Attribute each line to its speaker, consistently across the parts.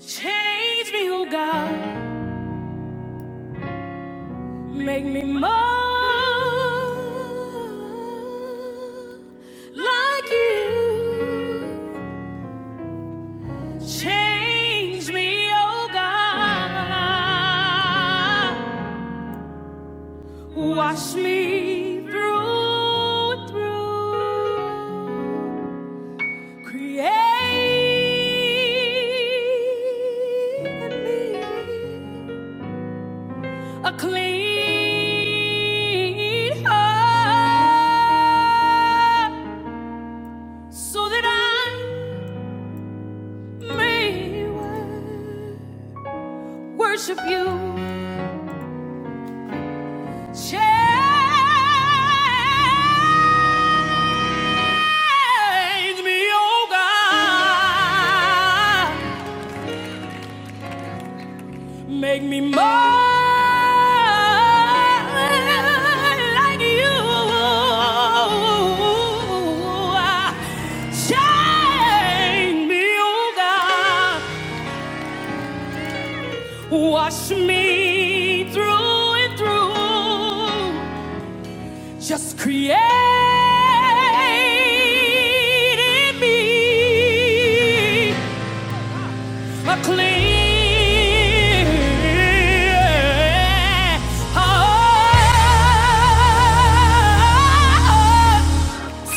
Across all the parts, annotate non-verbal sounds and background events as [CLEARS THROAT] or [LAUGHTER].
Speaker 1: Change me, oh God. Make me more like you. Change me, oh God. Wash me through, and through. Create in me a clean heart so that I may worship you. Change me, oh God. Make me more like you. Shine me, oh God. Wash me through and through. Just create in me McLean. Oh,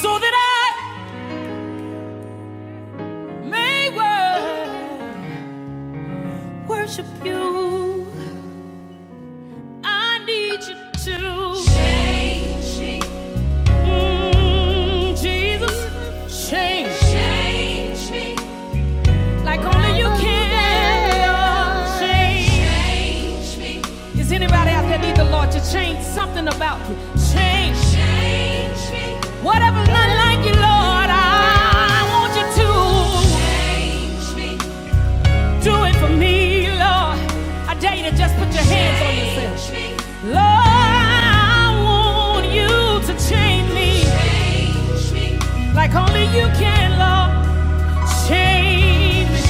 Speaker 1: so that I may worship you. I need you to, mm, Jesus, change like only you Is anybody out there need the Lord to change something about you? Change whatever's not like you, Lord. I want you to. Do it for me, Lord. I dare you to just put your Lord, I want you to change me like only you can, Lord. Change. me.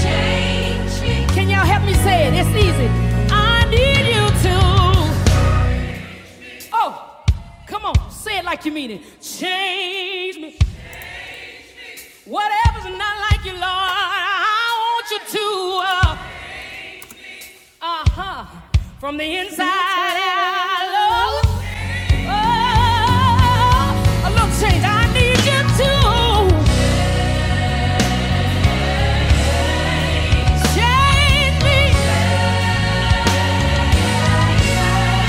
Speaker 1: Can y'all help me say it? It's easy. I need you to. Oh, come on, say it like you mean it. Change me. Whatever's not like you, Lord, I want you to. Uh huh. From the inside out, Lord. Oh, look, change, I need you to change me.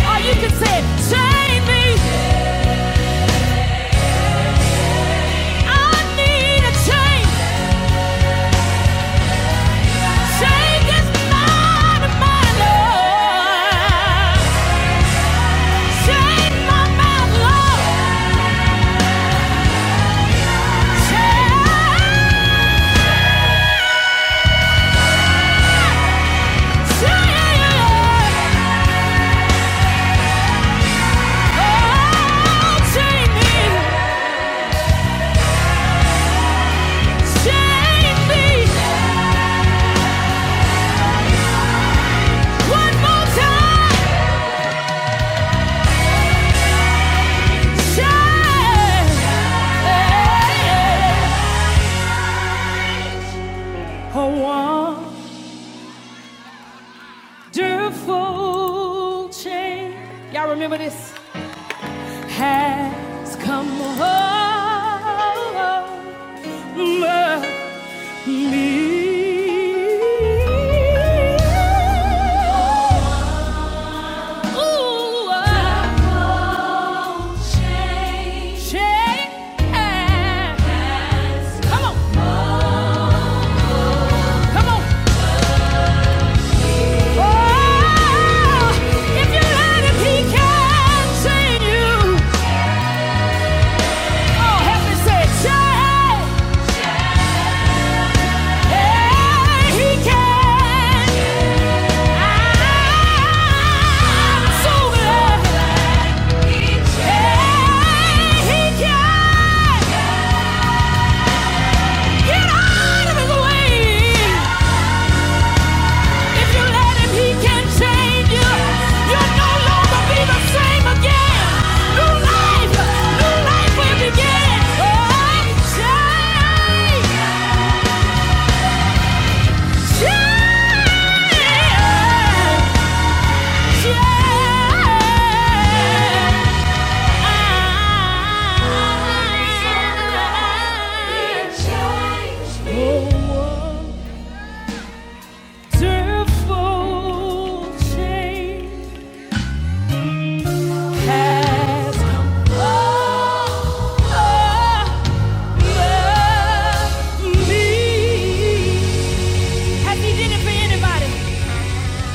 Speaker 1: Or you can say, change me. I need a change. Change is mine, my Lord. Change my mouth, Lord. Change, Oh, change me. Change me. A wonderful change. Y'all remember this? Has come over me. Ooh, a change. Come on. Come on. Oh, if you let him, he can sing you. Oh, help me say it. Say, hey, he can. I'm so glad. Hey, he can. Get out of his way. If you let him, he can change you. You'll no longer be the same again. New life, new life will begin. Oh, change, change, change. Change. has come over me. Has he did it for anybody?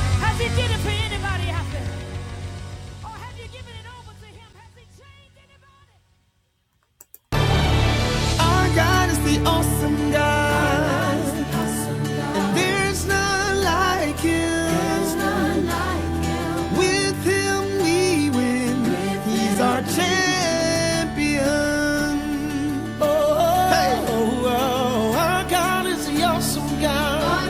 Speaker 1: Has he did it for anybody Or have you given it over to him? There's none like him. With him we win. He's our champion. Oh, hey. oh, oh, our God is the awesome God.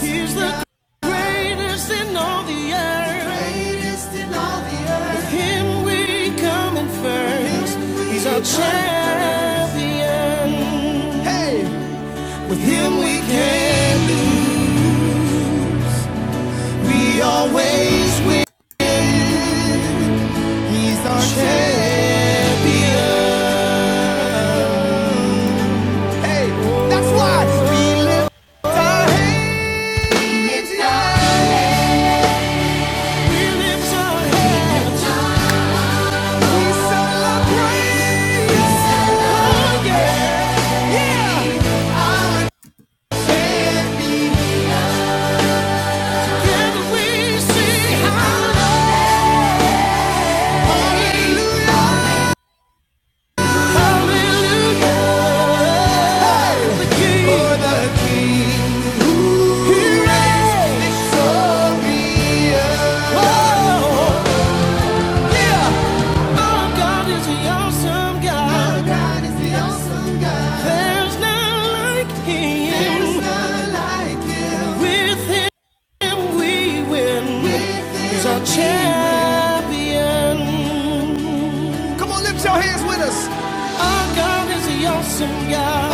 Speaker 1: He's the greatest in all the earth. With him we come in first. He's our champion. Hey, with him we can. We always win. He's our champion. Hey, that's why we lift our hands. We lift our hands. Awesome God. There's none like him. With him we win. He's our champion. Come on, lift your hands with us. Our God is the awesome God.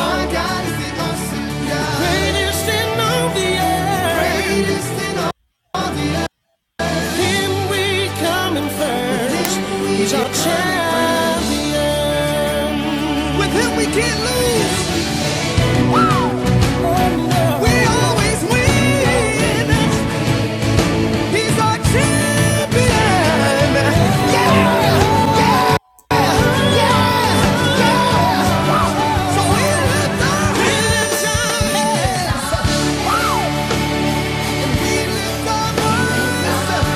Speaker 1: Greatest in all the earth. in Him we come in first. With He's our champion. We lift our voice.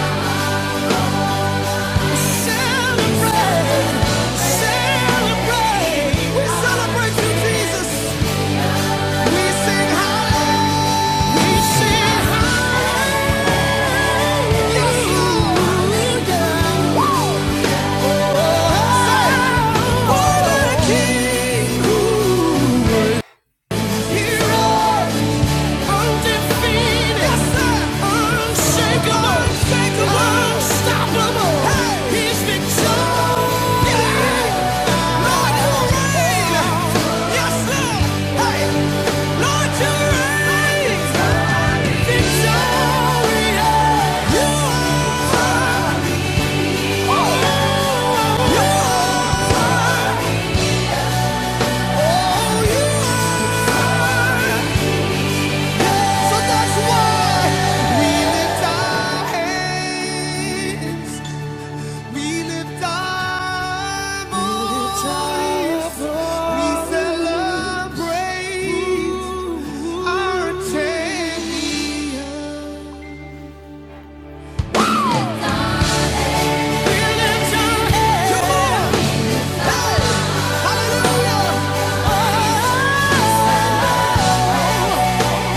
Speaker 1: King, who he Yeah. So that's why we lift our hands. We lift our voice. We celebrate our champion. Come on. Hey. Hallelujah. Oh,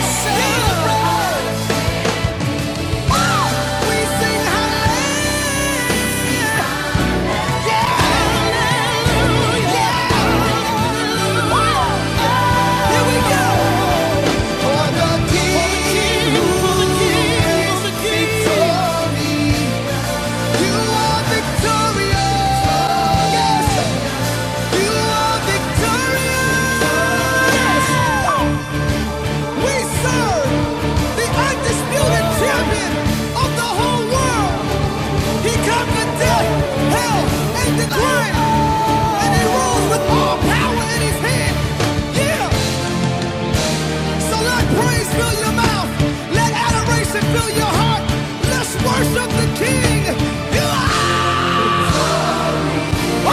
Speaker 1: celebrate. We sing hallelujah. We serve the undisputed champion of the whole world. He conquered death, hell, and the grave. And he rules with all power in his hand. Yeah. So let praise fill your mouth. Let adoration fill your heart. Let's worship the King. You are. You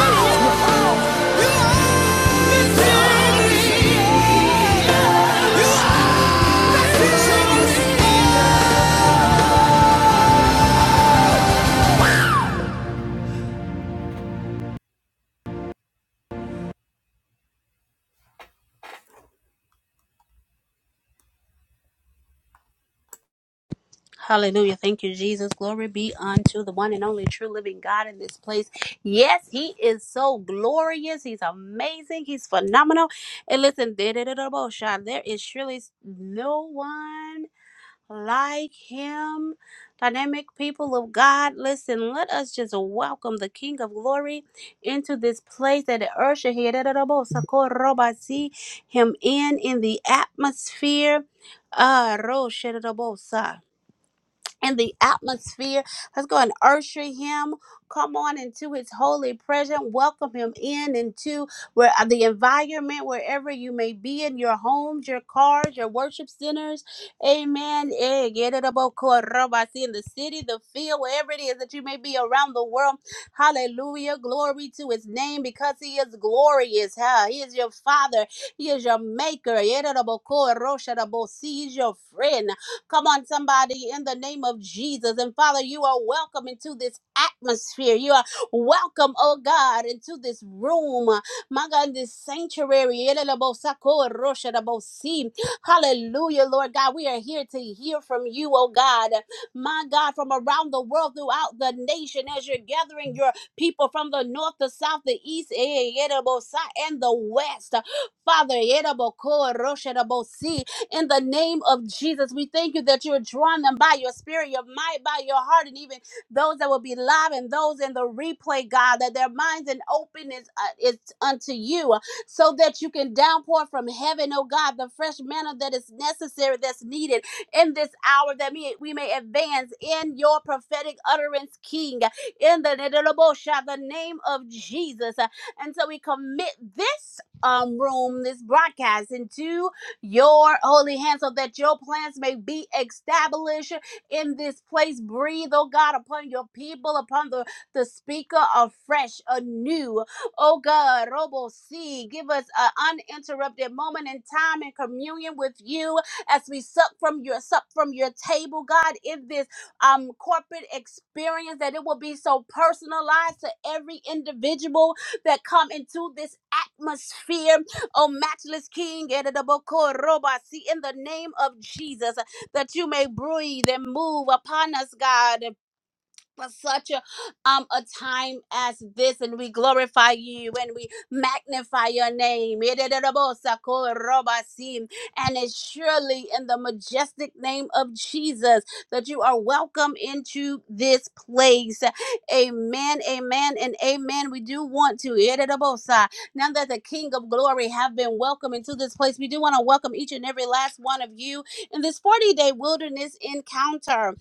Speaker 1: are the
Speaker 2: Hallelujah. Thank you, Jesus. Glory be unto the one and only true living God in this place. Yes, he is so glorious. He's amazing. He's phenomenal. And listen, there is surely no one like him. Dynamic people of God, listen, let us just welcome the King of Glory into this place that the earth should hear him in in the atmosphere. Ah, in the atmosphere. Let's go and usher him. Come on into his holy presence. Welcome him in into where uh, the environment, wherever you may be in your homes, your cars, your worship centers. Amen. Eh, get it about Koroba. See In the city, the field, wherever it is that you may be around the world. Hallelujah. Glory to his name because he is glorious. Huh? He is your father. He is your maker. Yedada boko, roshada bo. See, He's your friend. Come on, somebody, in the name of Jesus. And Father, you are welcome into this atmosphere. You are welcome, oh God, into this room. My God, in this sanctuary. Hallelujah, Lord God. We are here to hear from you, oh God. My God, from around the world, throughout the nation, as you're gathering your people from the north, the south, the east, and the west. Father, in the name of Jesus. We thank you that you're drawing them by your spirit, your might, by your heart, and even those that will be live and those in the replay, God, that their minds and open is, uh, is unto you, uh, so that you can downpour from heaven, oh God, the fresh manna that is necessary, that's needed in this hour, that we, we may advance in your prophetic utterance, King, in the, the name of Jesus. And so we commit this um room, this broadcast into your holy hand so that your plans may be established in this place. Breathe, oh God, upon your people, upon the, the speaker afresh, anew. Oh God, Robo C, give us an uninterrupted moment in time and communion with you as we suck from your sup from your table, God, in this um corporate experience that it will be so personalized to every individual that come into this atmosphere oh matchless King, Edidaboko Robasi, in the name of Jesus, that you may breathe and move upon us, God for such a um a time as this and we glorify you and we magnify your name and it's surely in the majestic name of jesus that you are welcome into this place amen amen and amen we do want to now that the king of glory have been welcomed into this place we do want to welcome each and every last one of you in this 40 day wilderness encounter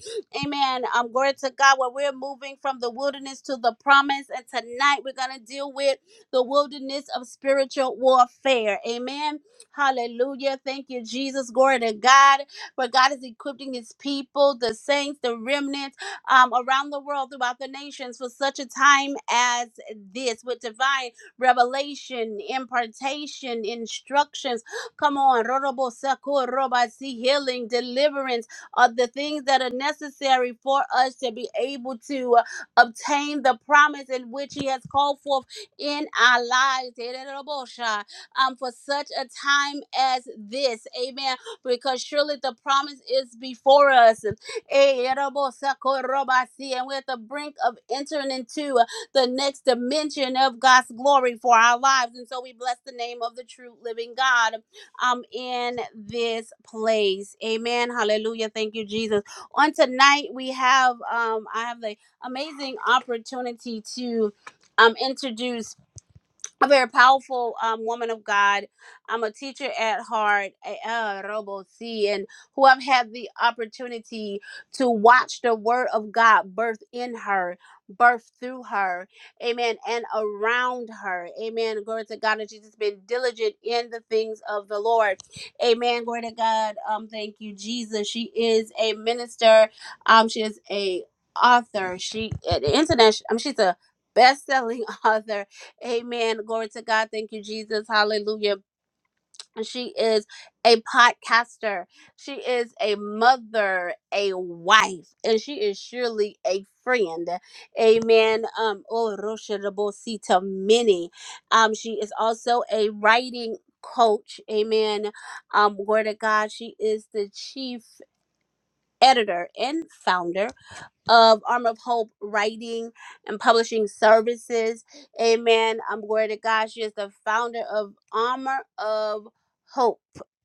Speaker 2: Amen. Um, glory to God. Where we're moving from the wilderness to the promise. And tonight we're going to deal with the wilderness of spiritual warfare. Amen. Hallelujah. Thank you, Jesus. Glory to God. For God is equipping his people, the saints, the remnants um, around the world, throughout the nations for such a time as this with divine revelation, impartation, instructions. Come on. Rorobo sako roba, See healing, deliverance uh, the things that are necessary for us to be able to uh, obtain the promise in which He has called forth in our lives. Um, for such a time as this, amen. Because surely the promise is before us, Eh, and we're at the brink of entering into uh, the next dimension of God's glory for our lives. And so we bless the name of the true living God um in this place. Amen. Hallelujah. Thank you, Jesus. On tonight we have um I have the amazing opportunity to um introduce a very powerful um, woman of God. I'm a teacher at heart, a- uh, Robo C, and who I've had the opportunity to watch the Word of God birth in her, birth through her, amen, and around her, amen. Glory to God that she's just been diligent in the things of the Lord, amen. Glory to God. Um, thank you, Jesus. She is a minister. Um, she is a author. She an international. I mean, she's a best-selling [LAUGHS] author Amen. Glory to God. Thank you, Jesus. Hallelujah. She is a podcaster. She is a mother, a wife, and she is surely a friend. Amen. Um, oh, Rosha Rabosi mini. Um, she is also a writing coach. Amen. Um, word of God. She is the chief editor and founder of Arm of Hope writing and publishing services. Amen. I'm glory to God. She is the founder of Armor of Hope.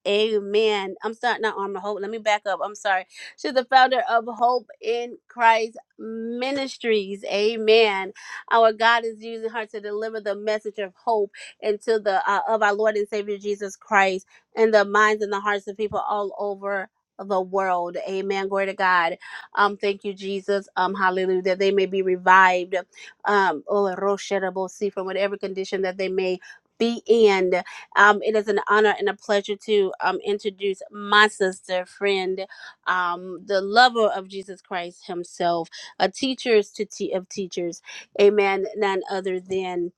Speaker 2: Amen. I'm sorry, not Armor of Hope. Let me back up. I'm sorry. She's the founder of Hope in Christ Ministries. Amen. Our God is using her to deliver the message of hope into the uh, of our Lord and Savior Jesus Christ in the minds and the hearts of people all over the world. Amen. Glory to God. Um, thank you, Jesus. Um, hallelujah, that they may be revived. Um, oh, Roshadabosi, from whatever condition that they may be in. Um, it is an honor and a pleasure to um introduce my sister, friend, um, the lover of Jesus Christ Himself, a teacher to te- of teachers, Amen. None other than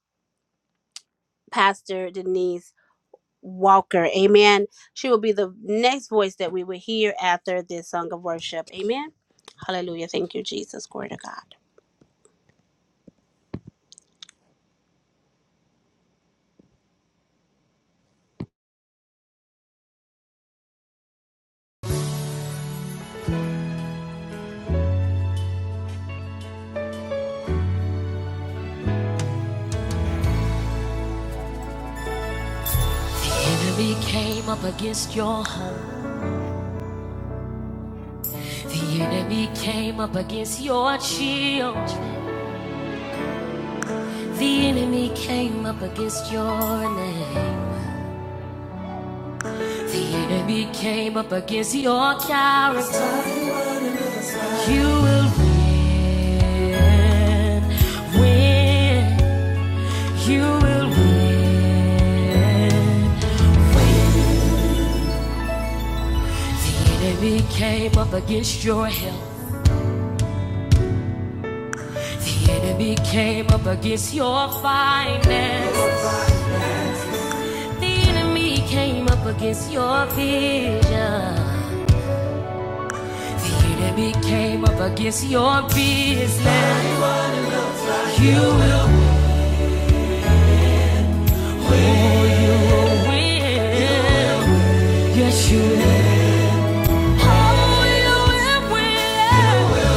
Speaker 2: Pastor Denise. Walker, amen. She will be the next voice that we will hear after this song of worship, amen. Hallelujah. Thank you, Jesus. Glory to God.
Speaker 1: King. You are the King. enemy came up against your home. The enemy came up against your shield. The enemy came up against your name. The enemy came up against your character. You will win, win. You will win. The enemy came up against your health. The enemy came up against your finances. The enemy came up against your vision. The enemy came up against your business. You will win. Oh, you will win. You will win. Yes, you will. Oh, you will win. You will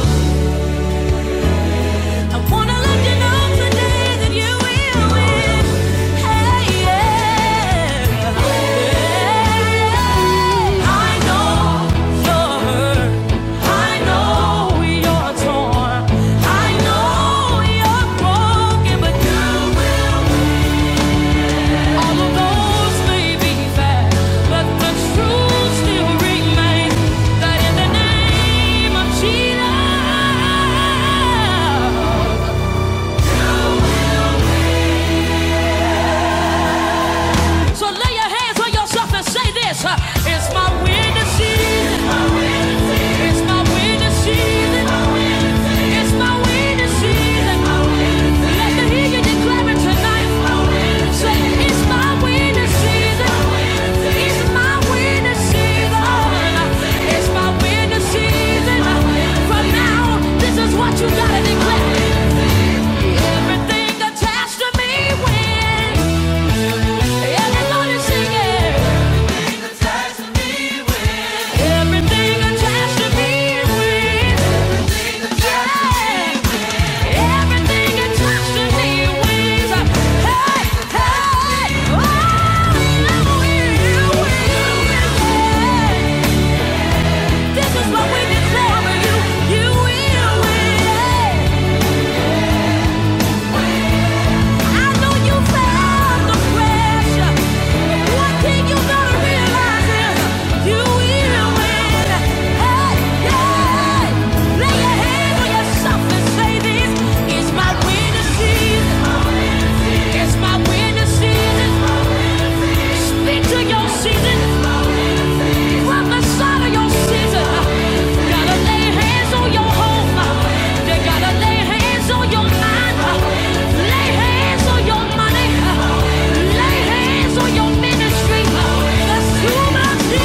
Speaker 1: That in the name of Jesus. So lay your hands on yourself and say this. uh, It's my winning season. It's my winning season. It's my winning season. Let me hear you declare it tonight. Say, it's my winning season. It's my winning season. It's my winning season. From now on, this is what you gotta declare. Everything I do, you will win. Season from the side of your season. Gotta lay hands on your home. They gotta lay hands on your mind. Lay hands on your money. Lay hands on your ministry. The stewardship.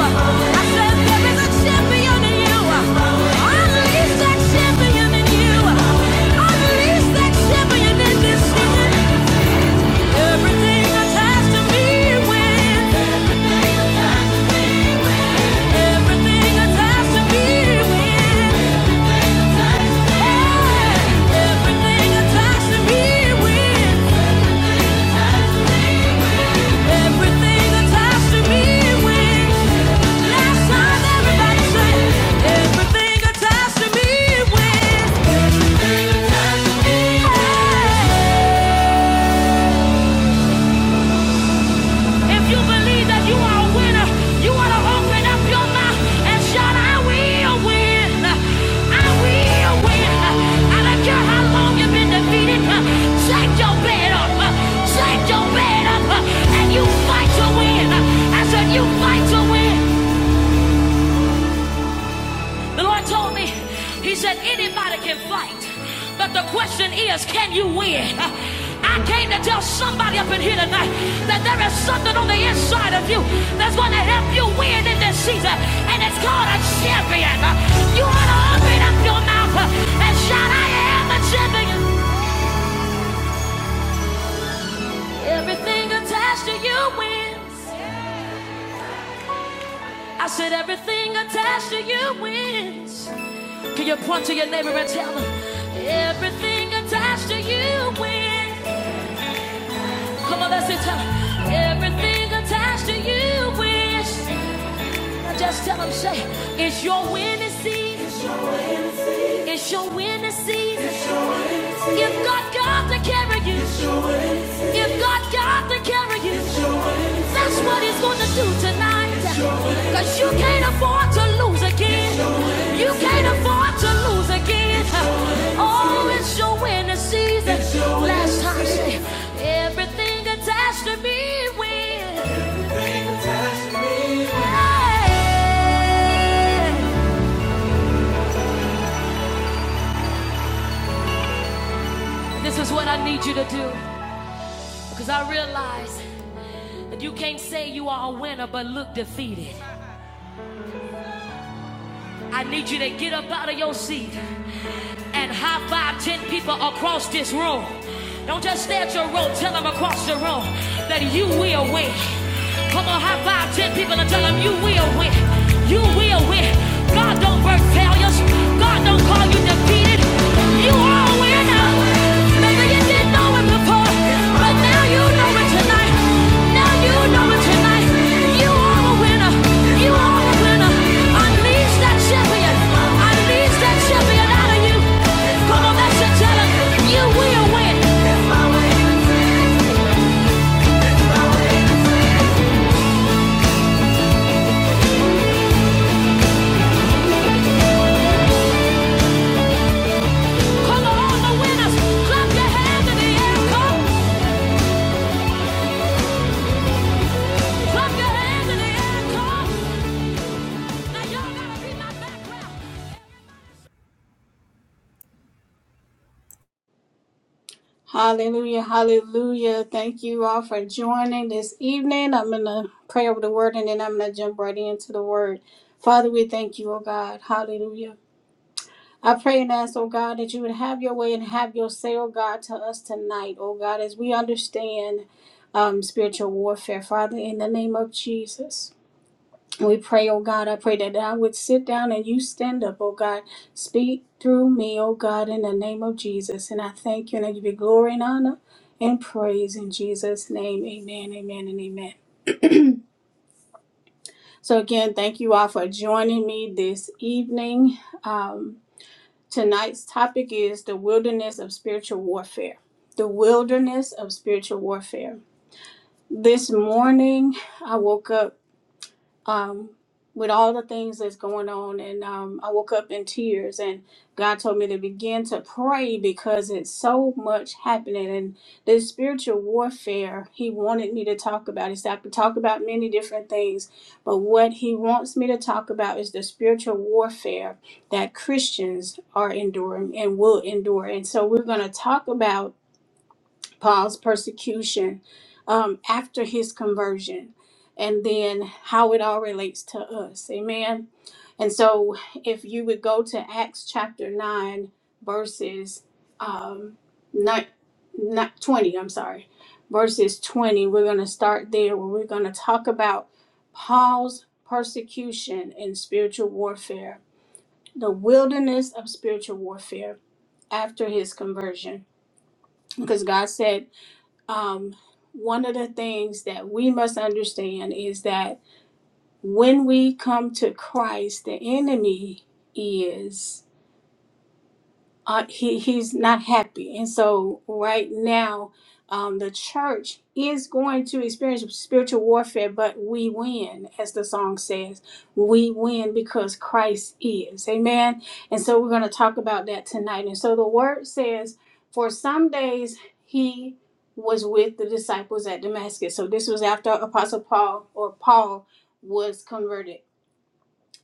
Speaker 1: Fellowship. I said that to me wins. Last time everybody said, everything attached to me wins. Can't that everything attached to you wins? I said everything attached to you wins. Can you point to your neighbor and tell them everything attached to you wins? Come on, that's it. Tell 'em. everything attached to you wish. Now just tell them, say, it's your winning season. It's your winning season. You've got God to carry you. You've got God to carry you. That's what He's gonna do tonight. Cause you can't afford to lose again. You can't afford to lose again. Oh, it's your winning season. Last time I everything attached to me wins. Hey. This is what I need you to do. Because I realize you can't say you are a winner but look defeated. I need you to get up out of your seat and high five ten people across this room. Don't just stay at your room, tell them across the room that you will win. Come on, high five ten people and tell them you will win. You will win. God don't work failures, God don't call you defeated. You are a winner. Maybe you didn't know it before, but now you know it tonight. Now you know it tonight. You are
Speaker 3: Hallelujah, hallelujah. Thank you all for joining this evening. I'm going to pray over the word and then I'm going to jump right into the word. Father, we thank you, oh God. Hallelujah. I pray and ask, oh God, that you would have your way and have your say, oh God, to us tonight, oh God, as we understand um, spiritual warfare, Father, in the name of Jesus. And we pray, oh God, I pray that I would sit down and you stand up, oh God. Speak through me, oh God, in the name of Jesus. And I thank you and I give you glory and honor and praise in Jesus' name. Amen, amen, and amen. So again, thank you all for joining me this evening. Um, tonight's topic is the wilderness of spiritual warfare. The wilderness of spiritual warfare. This morning, I woke up um, with all the things that's going on. And um, I woke up in tears, and God told me to begin to pray because it's so much happening. And the spiritual warfare, He wanted me to talk about. He said, I could talk about many different things, but what He wants me to talk about is the spiritual warfare that Christians are enduring and will endure. And so we're going to talk about. Paul's persecution um, after his conversion, and then how it all relates to us. Amen. And so, if you would go to Acts chapter 9, verses um, not, not 20, I'm sorry, verses 20, we're going to start there where we're going to talk about Paul's persecution and spiritual warfare, the wilderness of spiritual warfare after his conversion. Because God said, um, one of the things that we must understand is that when we come to Christ, the enemy is uh, he he's not happy, and so right now, um, the church is going to experience spiritual warfare, but we win, as the song says, we win because Christ is, Amen. And so we're going to talk about that tonight. And so the word says, for some days he was with the disciples at Damascus. So this was after Apostle Paul or Paul was converted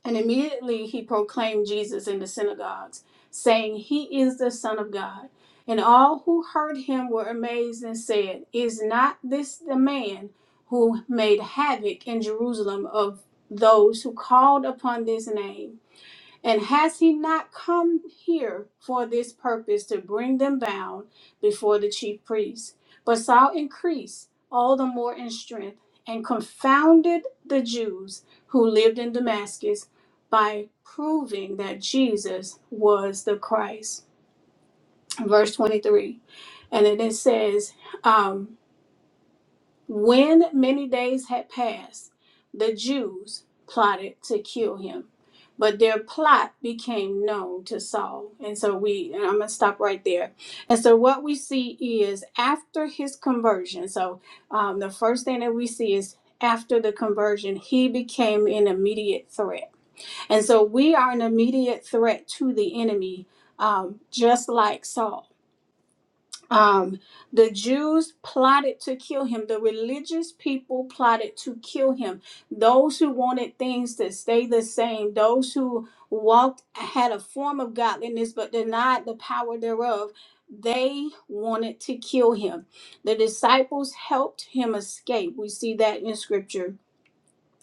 Speaker 3: and immediately he proclaimed Jesus in the synagogues, saying, He is the Son of God. And all who heard him were amazed and said, Is not this the man who made havoc in Jerusalem of those who called upon this name? And has he not come here for this purpose to bring them bound before the chief priests? But Saul increased all the more in strength and confounded the Jews who lived in Damascus by proving that Jesus was the Christ. Verse 23. And then it says, um, when many days had passed, the Jews plotted to kill him, but their plot became known to Saul. And so we, and I'm going to stop right there. And so what we see is after his conversion, so um, the first thing that we see is after the conversion, he became an immediate threat. And so we are an immediate threat to the enemy, um, just like Saul um, the Jews plotted to kill him. The religious people plotted to kill him. Those who wanted things to stay the same, those who walked, had a form of godliness but denied the power thereof, they wanted to kill him. The disciples helped him escape. We see that in scripture.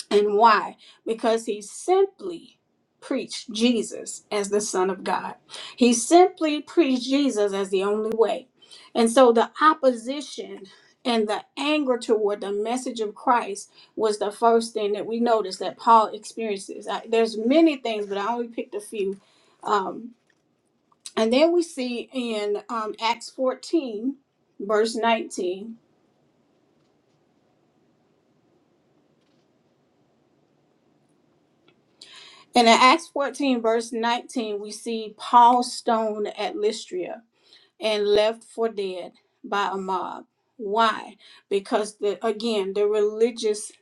Speaker 3: And why? Because he simply preached Jesus as the Son of God. He simply preached Jesus as the only way. And so the opposition and the anger toward the message of Christ was the first thing that we noticed that Paul experiences. I, there's many things, but I only picked a few. Um, and then we see in um, Acts 14, verse 19. And in Acts 14, verse 19, we see Paul stoned at Lystra and left for dead by a mob. Why? Because the again, the religious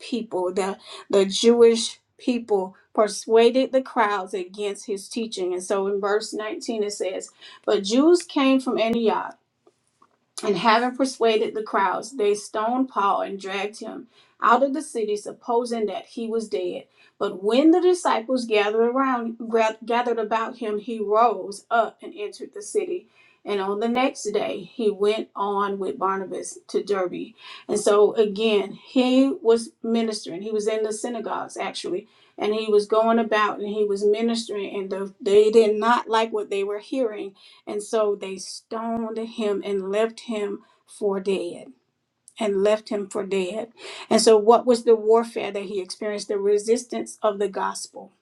Speaker 3: people, the the Jewish people persuaded the crowds against his teaching. And so in verse 19 it says, But Jews came from Antioch and having persuaded the crowds, they stoned Paul and dragged him out of the city, supposing that he was dead. But when the disciples gathered around, gra- gathered about him, he rose up and entered the city. And on the next day, he went on with Barnabas to Derbe. And so again, he was ministering. He was in the synagogues actually, and he was going about and he was ministering. And the, they did not like what they were hearing and so they stoned him and left him for dead. And left him for dead. And so, what was the warfare that he experienced? The resistance of the gospel.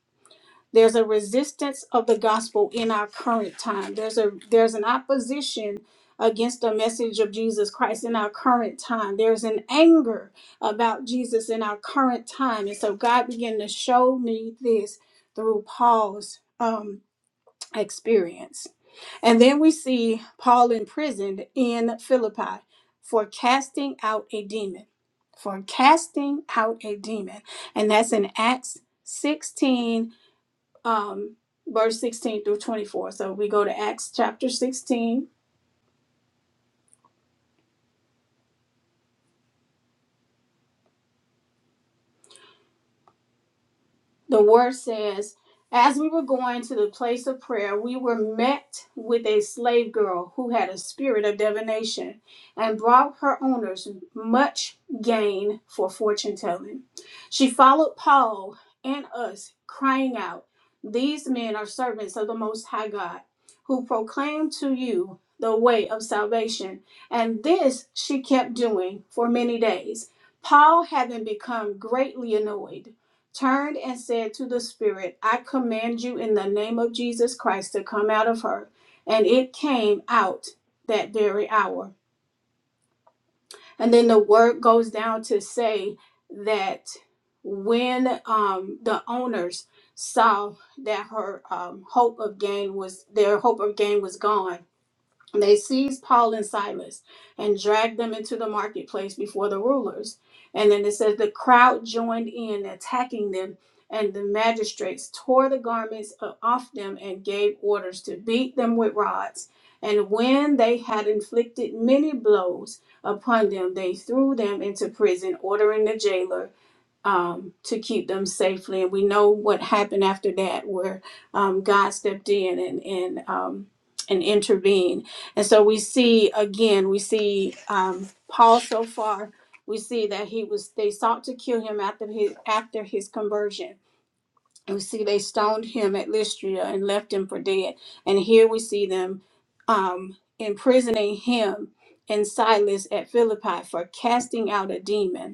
Speaker 3: There's a resistance of the gospel in our current time. There's a there's an opposition against the message of Jesus Christ in our current time. There's an anger about Jesus in our current time. And so God began to show me this through Paul's um, experience. And then we see Paul imprisoned in Philippi for casting out a demon. For casting out a demon. And that's in Acts 16, um, verse 16 through 24. So we go to Acts chapter 16 The word says, As we were going to the place of prayer, we were met with a slave girl who had a spirit of divination and brought her owners much gain for fortune telling. She followed Paul and us, crying out, These men are servants of the Most High God, who proclaim to you the way of salvation. And this she kept doing for many days. Paul, having become greatly annoyed, turned and said to the spirit, I command you in the name of Jesus Christ to come out of her. And it came out that very hour. And then the word goes down to say that when um, the owners saw that her um, hope of gain was their hope of gain was gone they seized Paul and Silas and dragged them into the marketplace before the rulers. And then it says the crowd joined in, attacking them, and the magistrates tore the garments o- off them and gave orders to beat them with rods. And when they had inflicted many blows upon them, they threw them into prison, ordering the jailer um, to keep them safely. And we know what happened after that, where um, God stepped in and and um, and intervened. And so we see again, we see um, Paul so far. We see that he was. They sought to kill him after his after his conversion. And we see they stoned him at Lystra and left him for dead. And here we see them um, imprisoning him and Silas at Philippi for casting out a demon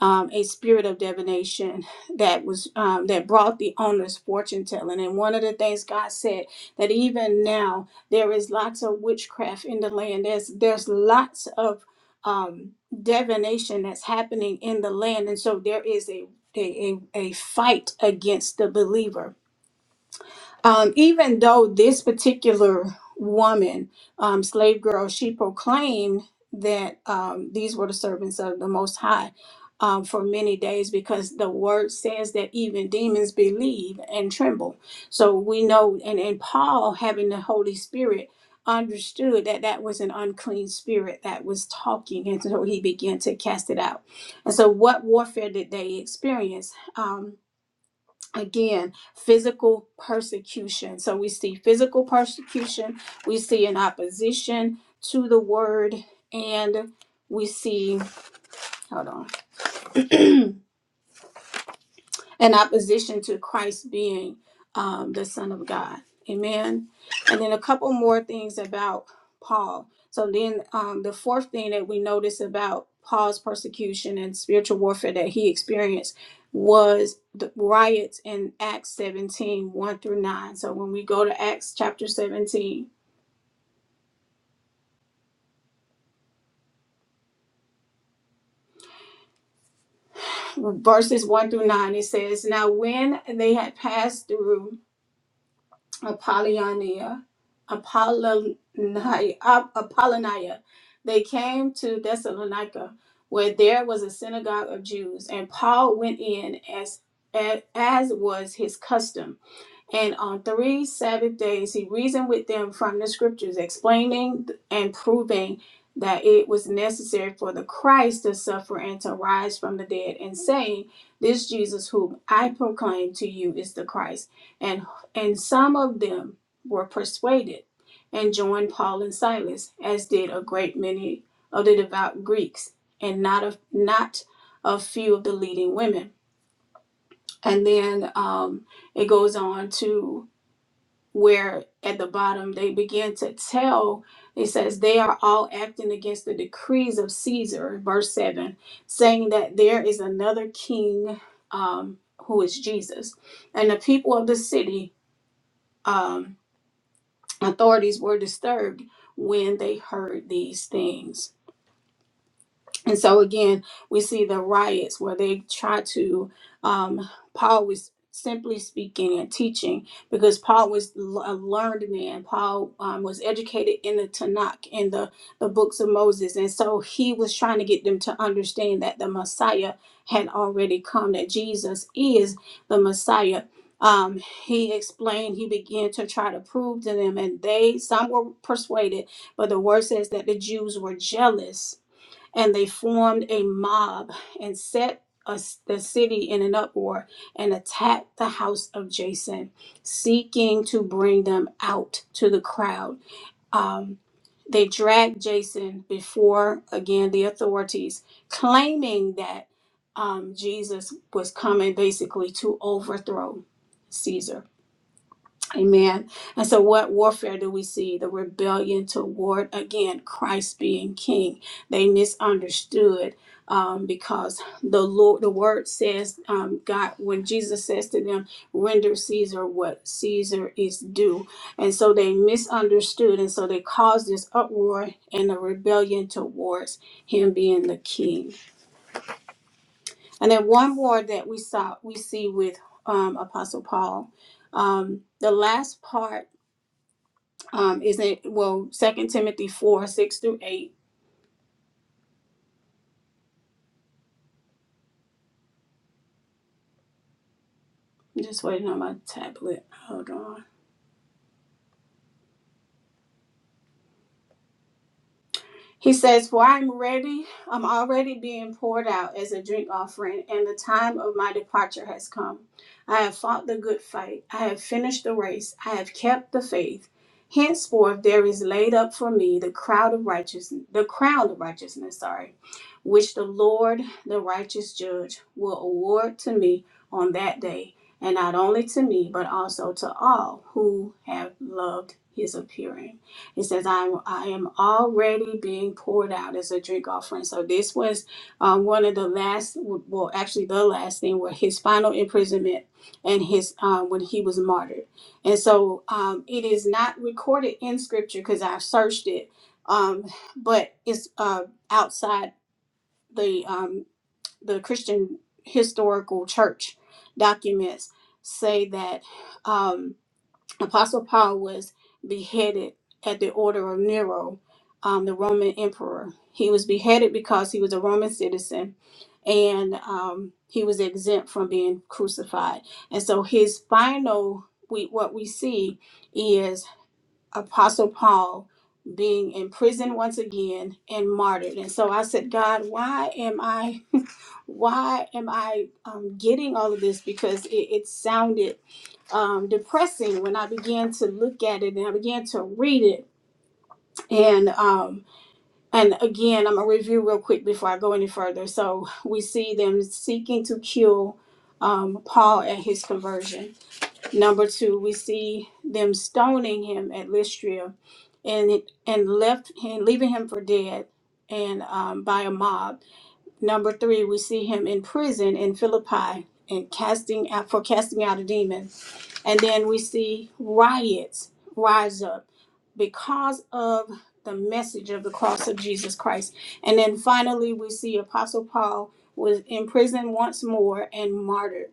Speaker 3: um, a spirit of divination that was um, that brought the owner's fortune telling. And one of the things God said that even now there is lots of witchcraft in the land. There's there's lots of um, divination that's happening in the land, and so there is a a, a a fight against the believer um, even though this particular woman, um, slave girl, she proclaimed that um, these were the servants of the Most High um, for many days because the word says that even demons believe and tremble. So we know, and, and Paul, having the Holy Spirit, understood that that was an unclean spirit that was talking, and so he began to cast it out. And so, what warfare did they experience? Um, again physical persecution so we see physical persecution we see an opposition to the word and we see hold on [CLEARS THROAT] in opposition to Christ being um, the Son of God. Amen. And then a couple more things about Paul. So then um, the fourth thing that we notice about Paul's persecution and spiritual warfare that he experienced was the riots in Acts seventeen one through 9. So when we go to Acts chapter 17, verses 1 through 9, it says, Now when they had passed through Apollonia, Apollonia, Ap- Apollonia. They came to Thessalonica, where there was a synagogue of Jews, and Paul went in as as was his custom and on three Sabbath days, he reasoned with them from the scriptures, explaining and proving that it was necessary for the Christ to suffer and to rise from the dead, and saying, This Jesus whom I proclaim to you is the Christ. And, and some of them were persuaded and joined Paul and Silas, as did a great many of the devout Greeks, and not a not a few of the leading women. And then um, it goes on to where at the bottom they begin to tell it says they are all acting against the decrees of caesar verse 7 saying that there is another king um, who is jesus and the people of the city um, authorities were disturbed when they heard these things and so again, we see the riots where they try to, um, Paul was simply speaking and teaching because Paul was l- a learned man. Paul um, was educated in the Tanakh, in the, the books of Moses. And so he was trying to get them to understand that the Messiah had already come, that Jesus is the Messiah. Um, he explained, he began to try to prove to them, and they, some were persuaded, but the word says that the Jews were jealous and they formed a mob and set us, the city in an uproar and attacked the house of Jason, seeking to bring them out to the crowd. Um, they dragged Jason before, again, the authorities, claiming that um, Jesus was coming basically to overthrow Caesar. Amen. And so, what warfare do we see? The rebellion toward, again, Christ being king. They misunderstood um, because the Lord, the word says, um, God, when Jesus says to them, render Caesar what Caesar is due. And so, they misunderstood. And so, they caused this uproar and a rebellion towards him being the king. And then, one more that we saw, we see with um, Apostle Paul. Um, the last part um, is it well, Second Timothy four, six through eight. I'm just waiting on my tablet. Hold on. He says, For I am ready, I'm already being poured out as a drink offering, and the time of my departure has come. I have fought the good fight, I have finished the race, I have kept the faith. Henceforth there is laid up for me the crowd of righteousness the crown of righteousness, sorry, which the Lord, the righteous judge, will award to me on that day, and not only to me, but also to all who have loved his appearing. He says, "I'm I am already being poured out as a drink offering." So this was um, one of the last, well, actually the last thing, where his final imprisonment and his um, when he was martyred. And so um, it is not recorded in Scripture because I've searched it, um, but it's uh, outside the um, the Christian historical church documents say that. Um, Apostle Paul was beheaded at the order of Nero, um, the Roman emperor. He was beheaded because he was a Roman citizen and um, he was exempt from being crucified. And so his final, we, what we see is Apostle Paul being in prison once again and martyred. And so I said, God, why am I, [LAUGHS] why am I um, getting all of this? Because it, it sounded um, depressing when I began to look at it and I began to read it. And um, and again, I'm gonna review real quick before I go any further. So we see them seeking to kill um, Paul at his conversion. Number two, we see them stoning him at Lystra and it, and left and leaving him for dead and um, by a mob. Number three, we see him in prison in Philippi and casting out for casting out a demon. And then we see riots rise up because of the message of the cross of Jesus Christ. And then finally, we see Apostle Paul was in prison once more and martyred.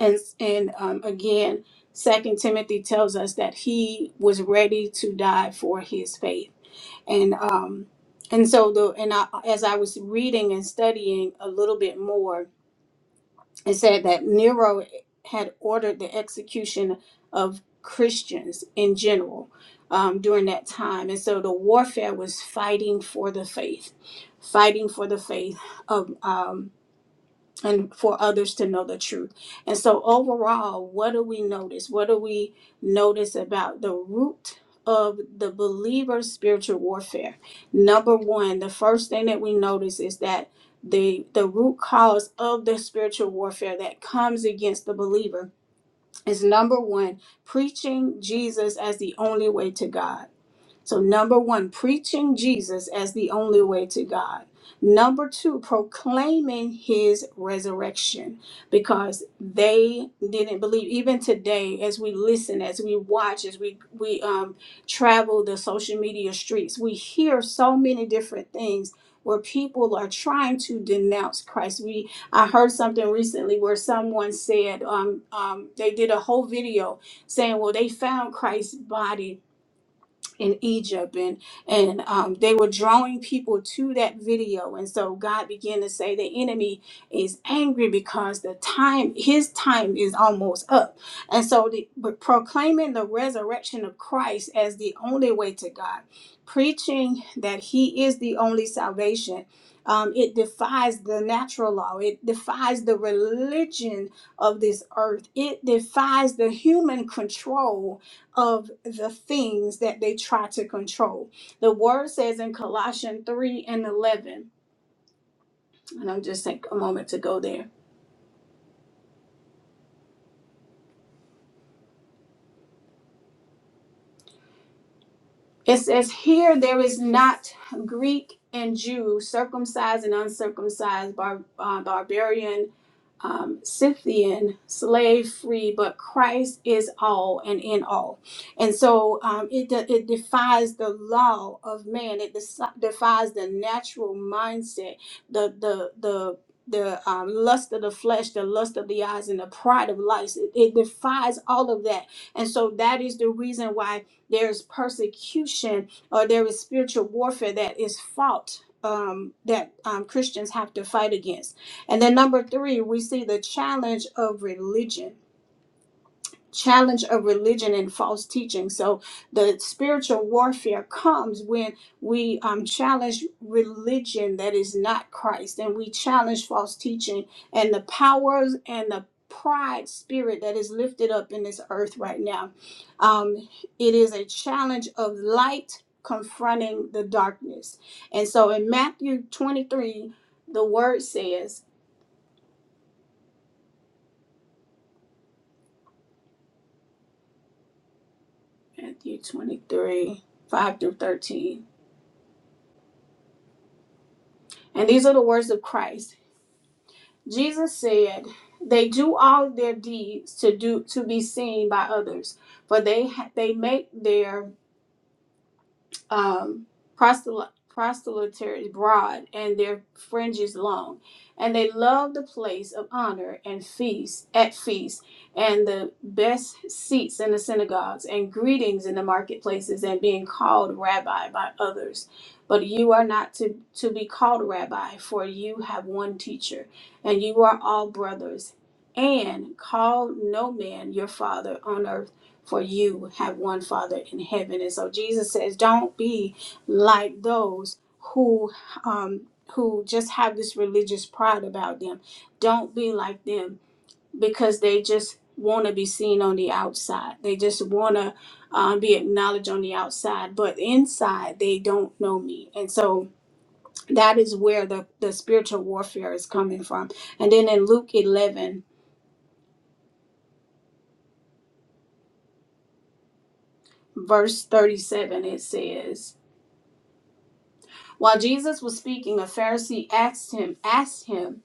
Speaker 3: And, and um, again, Second Timothy tells us that he was ready to die for his faith and um and so the and I, as I was reading and studying a little bit more, it said that Nero had ordered the execution of Christians in general um, during that time, and so the warfare was fighting for the faith, fighting for the faith of um, and for others to know the truth. And so, overall, what do we notice? What do we notice about the root of the believer's spiritual warfare? Number one, the first thing that we notice is that the the root cause of the spiritual warfare that comes against the believer is number one preaching jesus as the only way to god so, number one, preaching Jesus as the only way to God. Number two, proclaiming his resurrection because they didn't believe. Even today, as we listen, as we watch, as we, we um, travel the social media streets, we hear so many different things where people are trying to denounce Christ. We I heard something recently where someone said um, um, they did a whole video saying, well, they found Christ's body in Egypt and and um, they were drawing people to that video and so God began to say the enemy is angry because the time his time is almost up and so the, but proclaiming the resurrection of Christ as the only way to God preaching that he is the only salvation um, it defies the natural law. It defies the religion of this earth. It defies the human control of the things that they try to control. The word says in Colossians 3 and 11, and I'm just take a moment to go there. It says, Here there is not Greek and Jew, circumcised and uncircumcised, bar- uh, barbarian um, Scythian, slave free, but Christ is all and in all. And so um, it, de- it defies the law of man, it desi- defies the natural mindset, the, the, the, the um, lust of the flesh, the lust of the eyes, and the pride of life. It, it defies all of that. And so that is the reason why there's persecution or there is spiritual warfare that is fought. Um, that um, Christians have to fight against and then number three, we see the challenge of religion, challenge of religion and false teaching. So the spiritual warfare comes when we um, challenge religion that is not Christ, and we challenge false teaching and the powers and the pride spirit that is lifted up in this earth right now. Um, it is a challenge of light confronting the darkness. And so in Matthew 23, the word says, Matthew 23, 5 through 13. And these are the words of Christ. Jesus said, They do all their deeds to do to be seen by others, for they ha- they make their um, proselyte proselytary broad and their fringes long and they love the place of honor and feast at feasts and the best seats in the synagogues and greetings in the marketplaces and being called rabbi by others but you are not to, to be called rabbi for you have one teacher and you are all brothers and call no man your father on earth for you have one Father in heaven. And so Jesus says, don't be like those who um, who just have this religious pride about them. Don't be like them because they just want to be seen on the outside. They just want to um, be acknowledged on the outside, but inside they don't know me. And so that is where the, the spiritual warfare is coming from. And then in Luke 11, verse 37, it says, While Jesus was speaking, a Pharisee asked him, asked him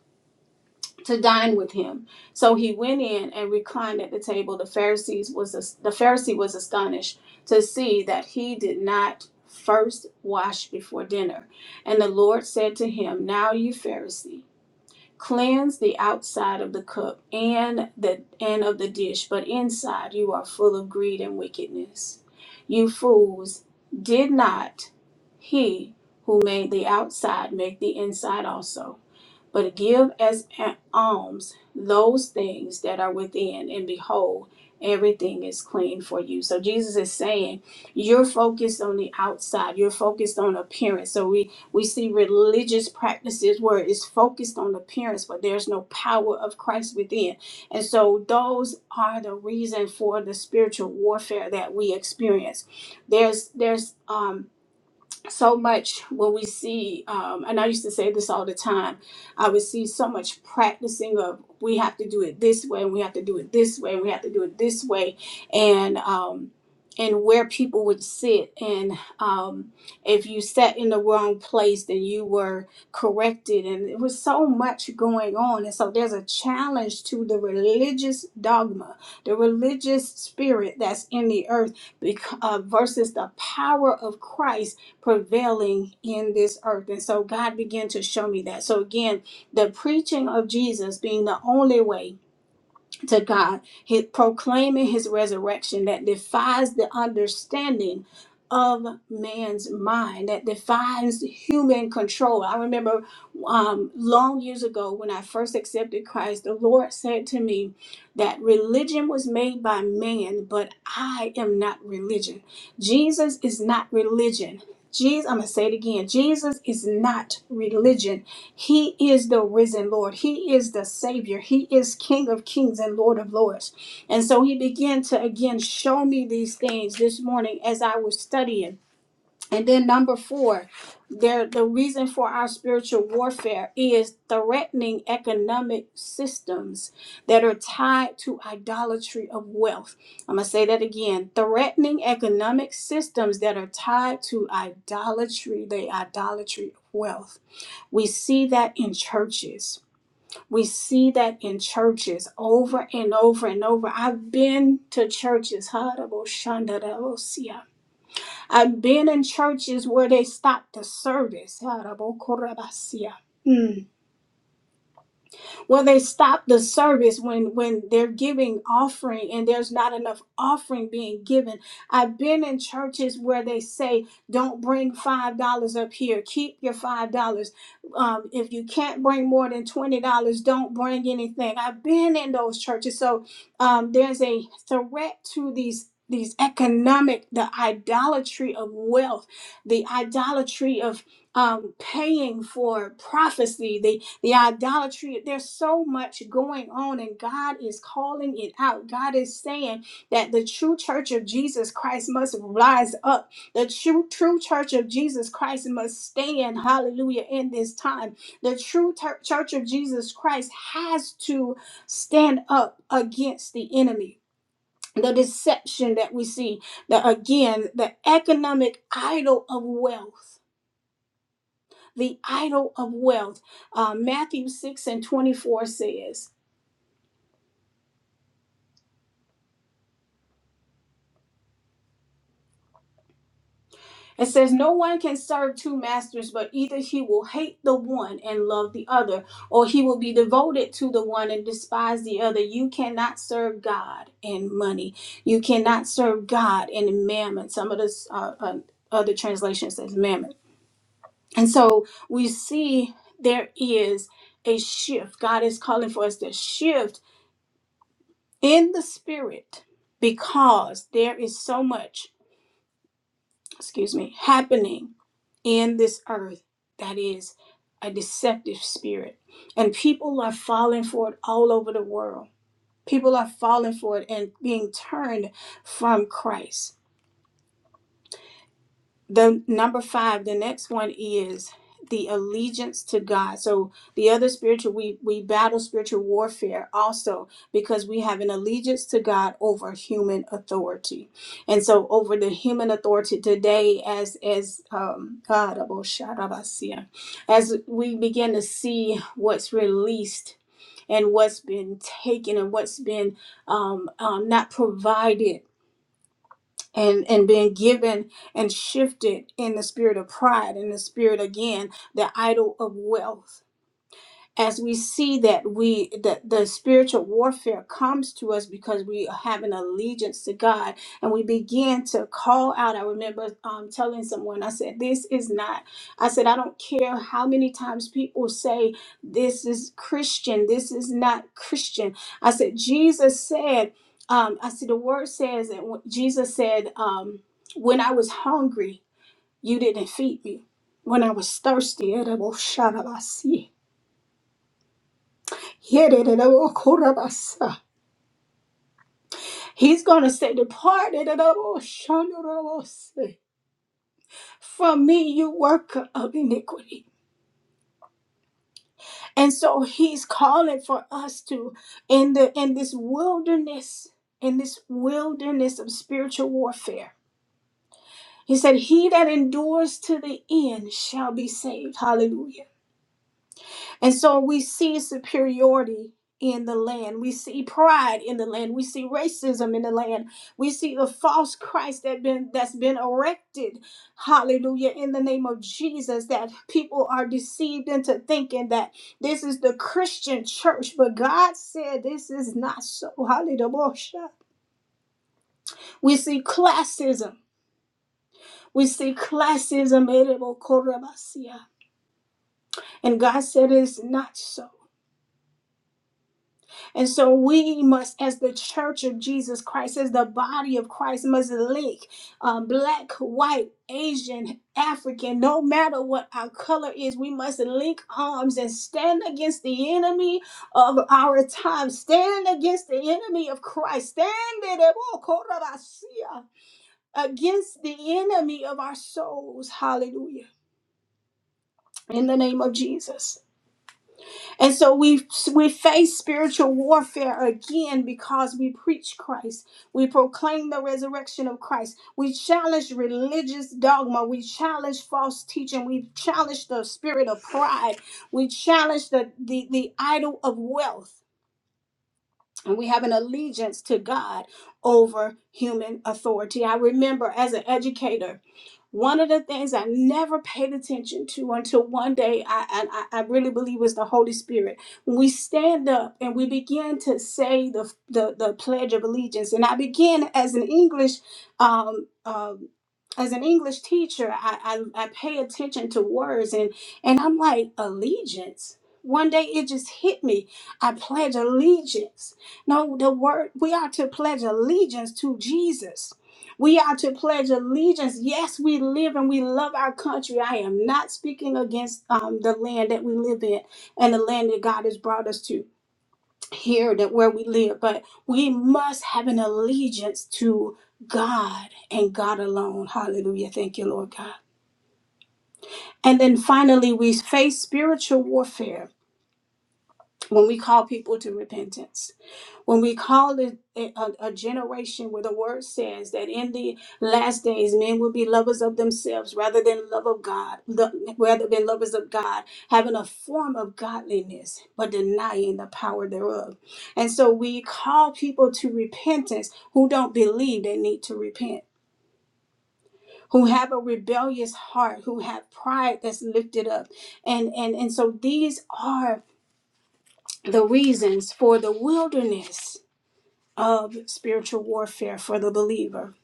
Speaker 3: to dine with him. So he went in and reclined at the table. The Pharisees was the Pharisee was astonished to see that he did not first wash before dinner. And the Lord said to him, "Now you Pharisee." Cleanse the outside of the cup and the and of the dish, but inside you are full of greed and wickedness. You fools, did not he who made the outside make the inside also? but give as an alms those things that are within, and behold, everything is clean for you. So Jesus is saying, you're focused on the outside, you're focused on appearance. So we we see religious practices where it's focused on appearance, but there's no power of Christ within. And so those are the reason for the spiritual warfare that we experience. There's there's um so much when we see um, and i used to say this all the time i would see so much practicing of we have to do it this way and we have to do it this way and we have to do it this way and um, and where people would sit and um, if you sat in the wrong place then you were corrected and it was so much going on and so there's a challenge to the religious dogma the religious spirit that's in the earth bec- uh, versus the power of christ prevailing in this earth. And so God began to show me that. So again, the preaching of Jesus being the only way to God, his, proclaiming his resurrection that defies the understanding of man's mind, that defies human control. I remember um, long years ago when I first accepted Christ, the Lord said to me that religion was made by man, but I am not religion. Jesus is not religion. Jesus, I'm going to say it again Jesus is not religion. He is the risen Lord. He is the Savior. He is King of kings and Lord of lords. And so he began to again show me these things this morning as I was studying. And then number four, there the reason for our spiritual warfare is threatening economic systems that are tied to idolatry of wealth. I'm gonna say that again. Threatening economic systems that are tied to idolatry, the idolatry of wealth. We see that in churches. We see that in churches over and over and over. I've been to churches. I've been in churches where they stopped the service. Harabokorabasia. Well, they stop the service when when they're giving offering and there's not enough offering being given. I've been in churches where they say, "Don't bring five dollars up here. Keep your five dollars. Um, if you can't bring more than twenty dollars, don't bring anything." I've been in those churches, so um, there's a threat to these these economic the idolatry of wealth the idolatry of um, paying for prophecy, the the idolatry there's so much going on and god is calling it out god is saying that the true church of jesus christ must rise up the true true church of jesus christ must stand hallelujah in this time the true tur- church of jesus christ has to stand up against the enemy the deception that we see the again the economic idol of wealth the idol of wealth. Uh, Matthew 6 and 24 says, It says, No one can serve two masters, but either he will hate the one and love the other, or he will be devoted to the one and despise the other. You cannot serve God and money. You cannot serve God and mammon. Some of the uh, uh, other translations says mammon. And so we see there is a shift. God is calling for us to shift in the spirit because there is so much, excuse me, happening in this earth that is a deceptive spirit. And people are falling for it all over the world. People are falling for it and being turned from Christ. The number five, the next one is the allegiance to God. So the other spiritual, we we battle spiritual warfare also because we have an allegiance to God over human authority, and so over the human authority today, as as um God, oh, Shadabasia, as we begin to see what's released and what's been taken and what's been um, um, not provided and and being given and shifted in the spirit of pride in the spirit again the idol of wealth as we see that we that the spiritual warfare comes to us because we have an allegiance to God and we begin to call out. I remember um, telling someone, I said, "This is not." I said, "I don't care how many times people say this is Christian. This is not Christian." I said, "Jesus said." Um, I said, "The word says that when- Jesus said, um, when I was hungry, you didn't feed me. When I was thirsty, [LAUGHS] edible, Yedididabokurabasa. He's going to say, Depart yedididaboshandorobose, from me, you worker of iniquity. And so he's calling for us to, in, the, in this wilderness, in this wilderness of spiritual warfare, he said, He that endures to the end shall be saved. Hallelujah. And so we see superiority in the land. We see pride in the land. We see racism in the land. We see the false Christ that been that's been erected. Hallelujah. In the name of Jesus, that people are deceived into thinking that this is the Christian church. But God said this is not so. Hallelujah. We see classism. We see classism. And God said it's not so. And so we must, as the church of Jesus Christ, as the body of Christ, must link um, black, white, Asian, African, no matter what our color is, we must link arms and stand against the enemy of our time, stand against the enemy of Christ, stand against the enemy of our souls. Hallelujah. In the name of Jesus. And so we we face spiritual warfare again because we preach Christ. We proclaim the resurrection of Christ. We challenge religious dogma. We challenge false teaching. We challenge the spirit of pride. We challenge the the, the idol of wealth. And we have an allegiance to God over human authority. I remember as an educator one of the things I never paid attention to until one day, I, I, I really believe it's the Holy Spirit. When we stand up and we begin to say the, the, the Pledge of Allegiance, and I began as an English um, um, as an English teacher, I, I, I pay attention to words and, and I'm like, allegiance. One day it just hit me. I pledge allegiance. No, the word, we are to pledge allegiance to Jesus. We are to pledge allegiance. Yes, we live and we love our country. I am not speaking against um, the land that we live in and the land that God has brought us to here, that where we live, but we must have an allegiance to God and God alone. Hallelujah. Thank you, Lord God. And then finally, we face spiritual warfare when we call people to repentance when we call it a, a, a generation where the word says that in the last days men will be lovers of themselves rather than love of god the- rather than lovers of god having a form of godliness but denying the power thereof and so we call people to repentance who don't believe they need to repent who have a rebellious heart who have pride that's lifted up and and and so these are the reasons for the wilderness of spiritual warfare for the believer.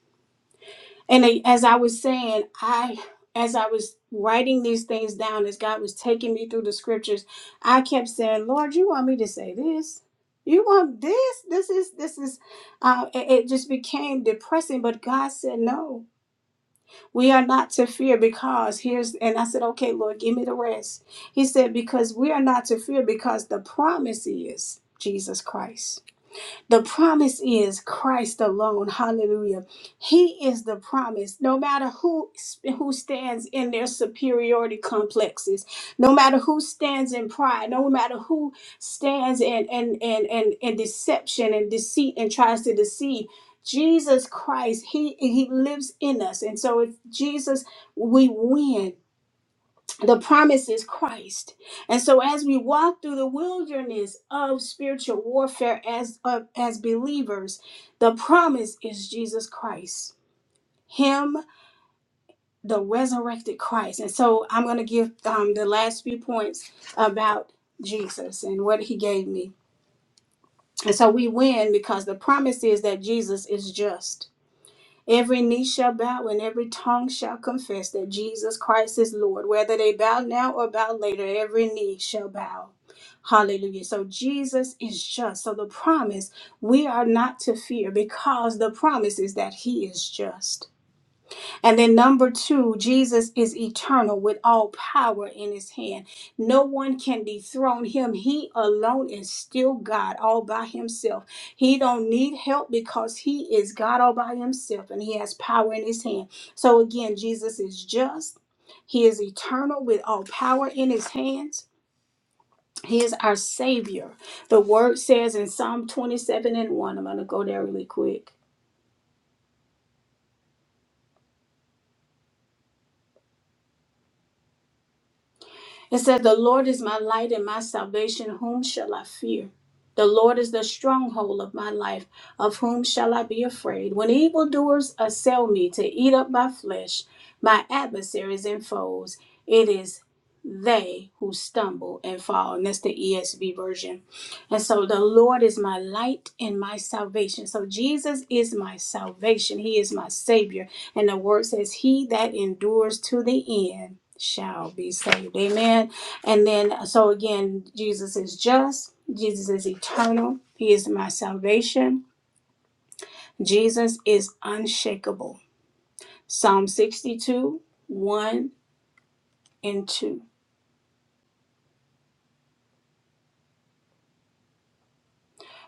Speaker 3: And I- as I was saying, I as I was writing these things down, as God was taking me through the scriptures, I kept saying, "Lord, you want me to say this? You want this? This is this is." Uh, it, it just became depressing. But God said, "No, we are not to fear because here's." And I said, "Okay, Lord, give me the rest." He said, "Because we are not to fear because the promise is Jesus Christ." The promise is Christ alone. Hallelujah. He is the promise. No matter who who stands in their superiority complexes, no matter who stands in pride, no matter who stands in and and and and deception and deceit and tries to deceive, Jesus Christ, he he lives in us. And so if Jesus we win the promise is Christ. And so as we walk through the wilderness of spiritual warfare as of- as believers, the promise is Jesus Christ. Him, the resurrected Christ. And so I'm going to give um, the last few points about Jesus and what he gave me. And so we win because the promise is that Jesus is just. Every knee shall bow and every tongue shall confess that Jesus Christ is Lord. Whether they bow now or bow later, every knee shall bow. Hallelujah. So Jesus is just. So the promise, we are not to fear because the promise is that he is just. And then number two, Jesus is eternal with all power in his hand. No one can dethrone him. He alone is still God all by himself. He don't need help because he is God all by himself and he has power in his hand. So again, Jesus is just. He is eternal with all power in his hands. He is our savior. The word says in Psalm 27 and 1. I'm going to go there really quick. It said, The Lord is my light and my salvation. Whom shall I fear? The Lord is the stronghold of my life. Of whom shall I be afraid? When evildoers assail me to eat up my flesh, my adversaries and foes, it is they who stumble and fall. And that's the ESV version. And so the Lord is my light and my salvation. So Jesus is my salvation. He is my Savior. And the word says, He that endures to the end shall be saved. Amen. And then, so again, Jesus is just, Jesus is eternal, He is my salvation. Jesus is unshakable. Psalm 62 1 and 2.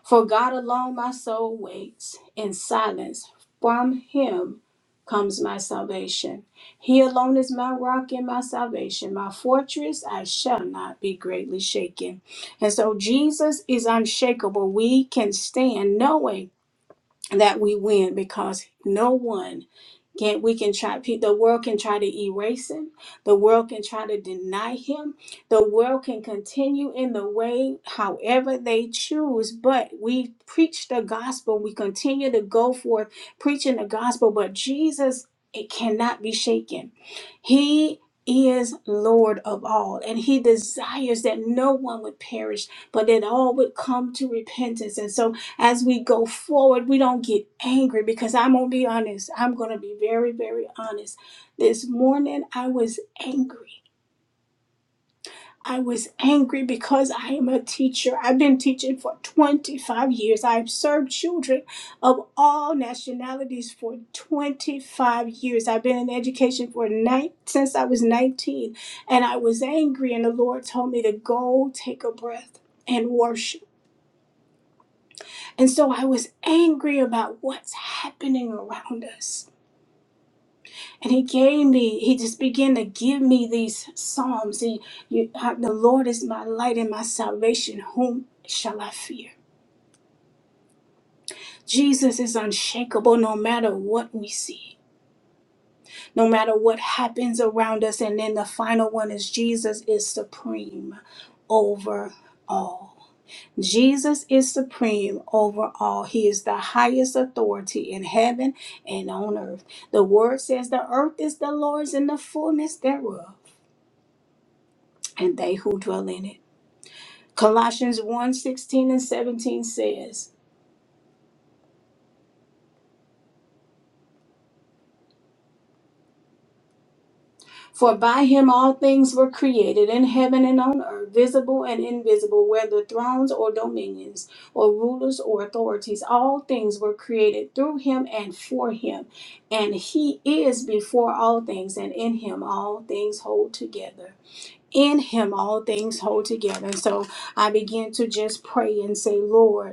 Speaker 3: For God alone my soul waits in silence. From him comes my salvation. He alone is my rock and my salvation, my fortress. I shall not be greatly shaken. And so Jesus is unshakable. We can stand knowing that we win because no one can we can try pe- the world can try to erase him. The world can try to deny him. The world can continue in the way however they choose, but we preach the gospel. We continue to go forth preaching the gospel, but Jesus it cannot be shaken. He is Lord of all, and He desires that no one would perish, but that all would come to repentance. And so as we go forward, we don't get angry because I'm going to be honest. I'm going to be very, very honest. This morning, I was angry. I was angry because I am a teacher. I've been teaching for 25 years. I've served children of all nationalities for 25 years. I've been in education for nine, since I was 19, and I was angry and the Lord told me to go take a breath and worship And so I was angry about what's happening around us. And he gave me, he just began to give me these psalms. He, you, uh, the Lord is my light and my salvation. Whom shall I fear? Jesus is unshakable no matter what we see, no matter what happens around us. And then the final one is Jesus is supreme over all. Jesus is supreme over all. He is the highest authority in heaven and on earth. The word says the earth is the Lord's and the fullness thereof, and they who dwell in it. Colossians one sixteen and 17 says, For by him all things were created in heaven and on earth, visible and invisible, whether thrones or dominions, or rulers or authorities. All things were created through him and for him. And he is before all things, and in him all things hold together. In him all things hold together. so I begin to just pray and say, Lord.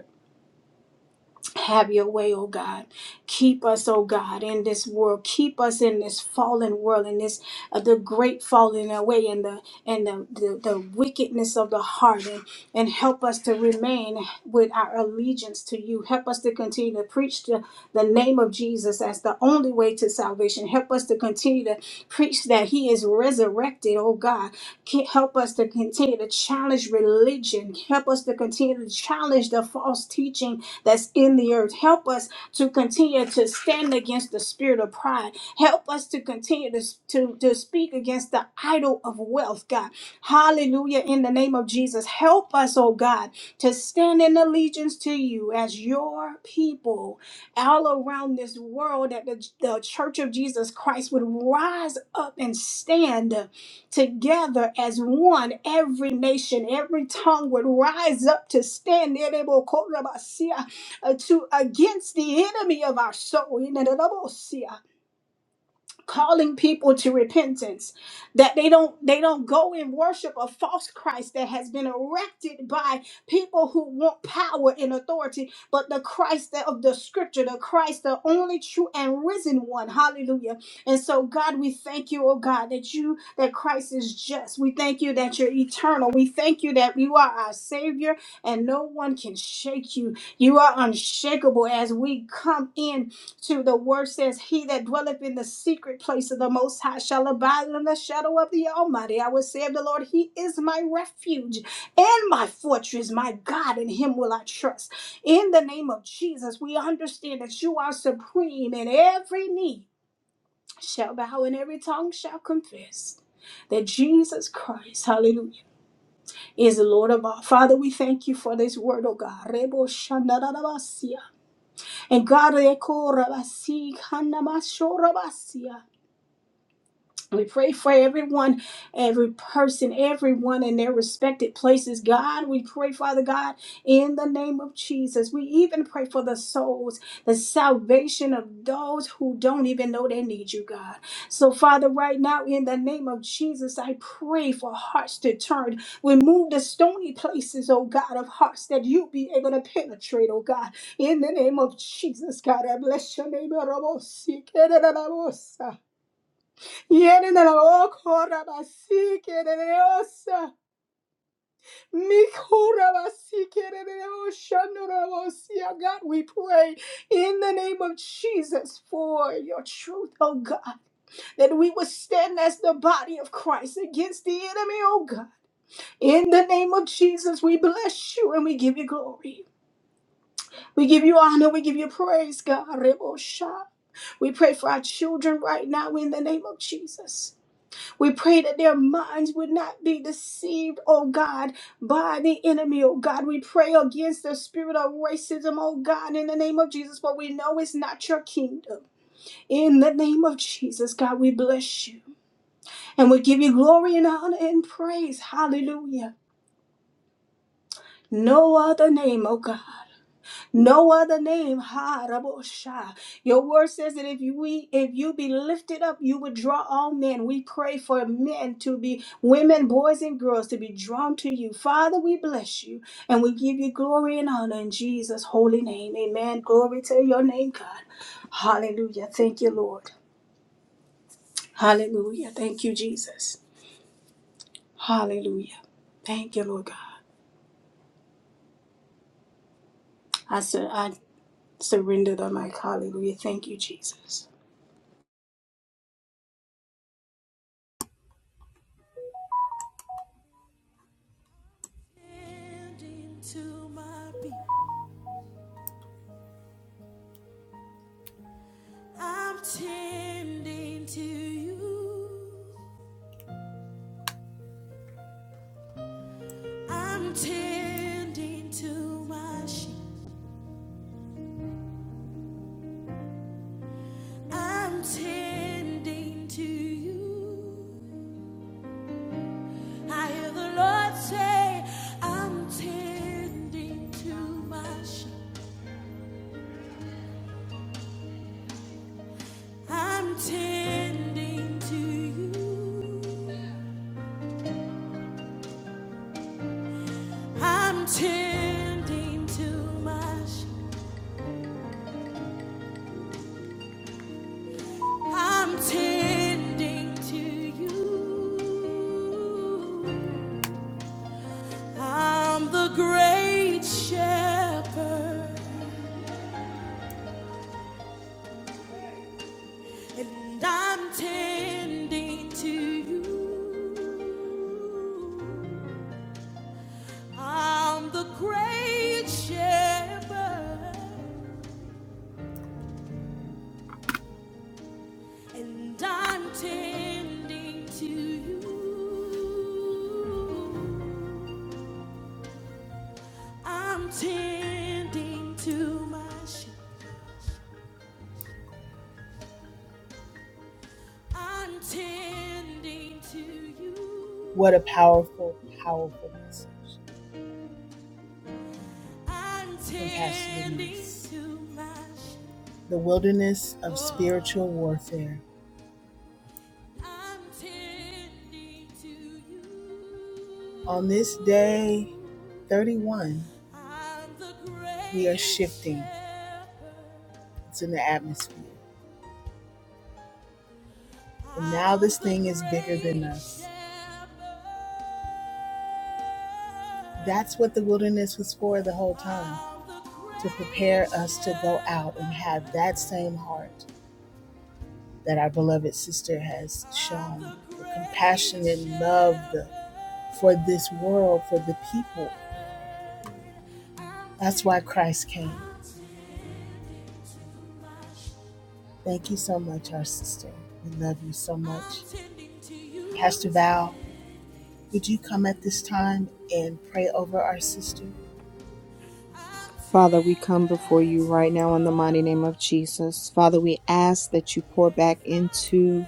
Speaker 3: Have your way, oh God. Keep us, oh God, in this world. Keep us in this fallen world, in this uh, the great falling away, and the and the, the the wickedness of the heart, and and help us to remain with our allegiance to you. Help us to continue to preach the, the name of Jesus as the only way to salvation. Help us to continue to preach that He is resurrected, oh God. Ke- Help us to continue to challenge religion. Help us to continue to challenge the false teaching that's in the earth. Help us to continue to stand against the spirit of pride. Help us to continue to, to, to speak against the idol of wealth, God. Hallelujah. In the name of Jesus, help us, oh God, to stand in allegiance to you as your people all around this world that the, the church of Jesus Christ would rise up and stand together as one. Every nation, every tongue would rise up to stand uh, to against the enemy of our soul calling people to repentance that they don't they don't go and worship a false christ that has been erected by people who want power and authority but the christ that- of the scripture the christ the only true and risen one hallelujah and so god we thank you oh god that you that christ is just we thank you that you're eternal we thank you that you are our savior and no one can shake you you are unshakable as we come in to the word says, He that dwelleth in the secret place of the Most High shall abide in the shadow of the Almighty. I will say of the Lord, He is my refuge and my fortress, my God, in Him will I trust. In the name of Jesus, we understand that you are supreme, and every knee shall bow and every tongue shall confess. That Jesus Christ, hallelujah, is the Lord of all. Father, we thank you for this word, oh God. Rebo and God, they call Rabasi, Kanamasho Rabasi. We pray for everyone, every person, everyone in their respected places. God, we pray, Father God, in the name of Jesus. We even pray for the souls, the salvation of those who don't even know they need you, God. So, Father, right now, in the name of Jesus, I pray for hearts to turn. Remove the stony places, oh God, of hearts that you be able to penetrate, oh God. In the name of Jesus, God, I bless your name. Yenenero korabasi kereneosa. Mikorabasi kereneo shanorobosia. God, we pray in the name of Jesus for your truth, oh God, that we would stand as the body of Christ against the enemy, oh God. In the name of Jesus, we bless you and we give you glory. We give you honor, we give you praise, God. Rebosha. We pray for our children right now in the name of Jesus. We pray that their minds would not be deceived, oh God, by the enemy, oh God. We pray against the spirit of racism, oh God, in the name of Jesus, for we know it's not your kingdom. In the name of Jesus, God, we bless you and we give you glory and honor and praise. Hallelujah. No other name, oh God. No other name, ha Rabosha. Your word says that if you we if you be lifted up, you would draw all men. We pray for men to be women, boys, and girls to be drawn to you. Father, we bless you and we give you glory and honor in Jesus' holy name. Amen. Glory to your name, God. Hallelujah. Thank you, Lord. Hallelujah. Thank you, Jesus. Hallelujah. Thank you, Lord God. I sur- I surrender the mic. Hallelujah. Thank you, Jesus.
Speaker 1: I'm the great shepherd, and I'm tending to you. I'm the great shepherd, and I'm tending to you. I'm tending to my sheep. I'm tending.
Speaker 4: Father, we come before you right now in the mighty name of Jesus. Father, we ask that you pour back into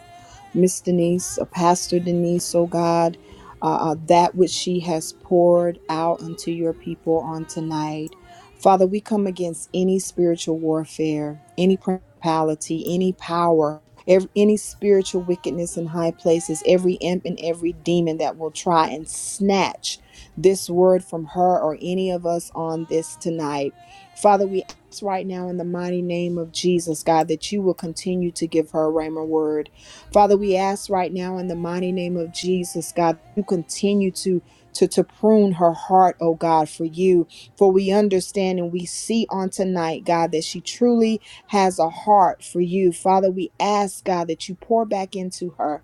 Speaker 4: Miss Denise, uh, Pastor Denise, oh God, uh, uh, that which she has poured out unto your people on tonight. Father, we come against any spiritual warfare, any principality, any power, every, any spiritual wickedness in high places, every imp and every demon that will try and snatch this word from her or any of us on this tonight. Father, we ask right now in the mighty name of Jesus, God, that you will continue to give her a rhema word Father, we ask right now in the mighty name of Jesus, God, you continue to to to prune her heart, oh God, for you. For we understand and we see on tonight, God, that she truly has a heart for you. Father, we ask, God, that you pour back into her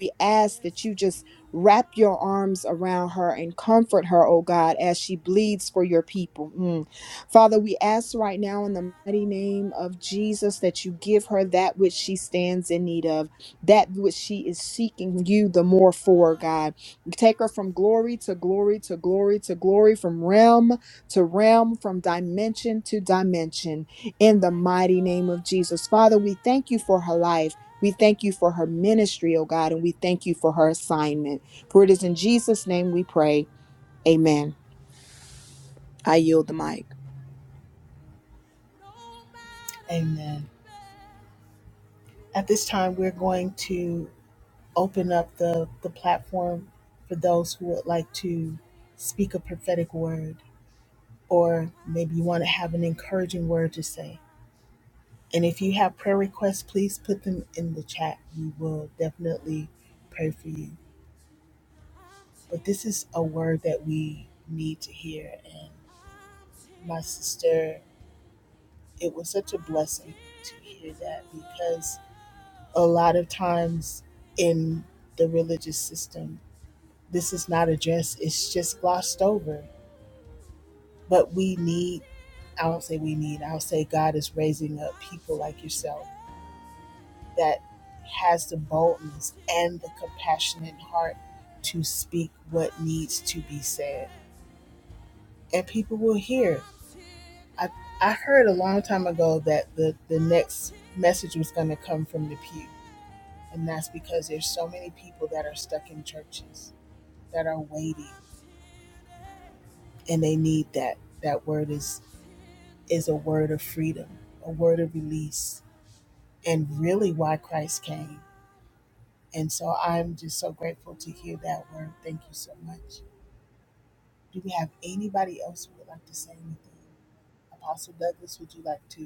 Speaker 4: we ask that you just wrap your arms around her and comfort her, oh God, as she bleeds for your people. Mm. Father, we ask right now in the mighty name of Jesus that you give her that which she stands in need of, that which she is seeking you the more for, God. Take her from glory to glory to glory to glory, from realm to realm, from dimension to dimension, in the mighty name of Jesus. Father, we thank you for her life. We thank you for her ministry, oh God, and we thank you for her assignment. For it is in Jesus' name we pray. Amen. I yield the mic.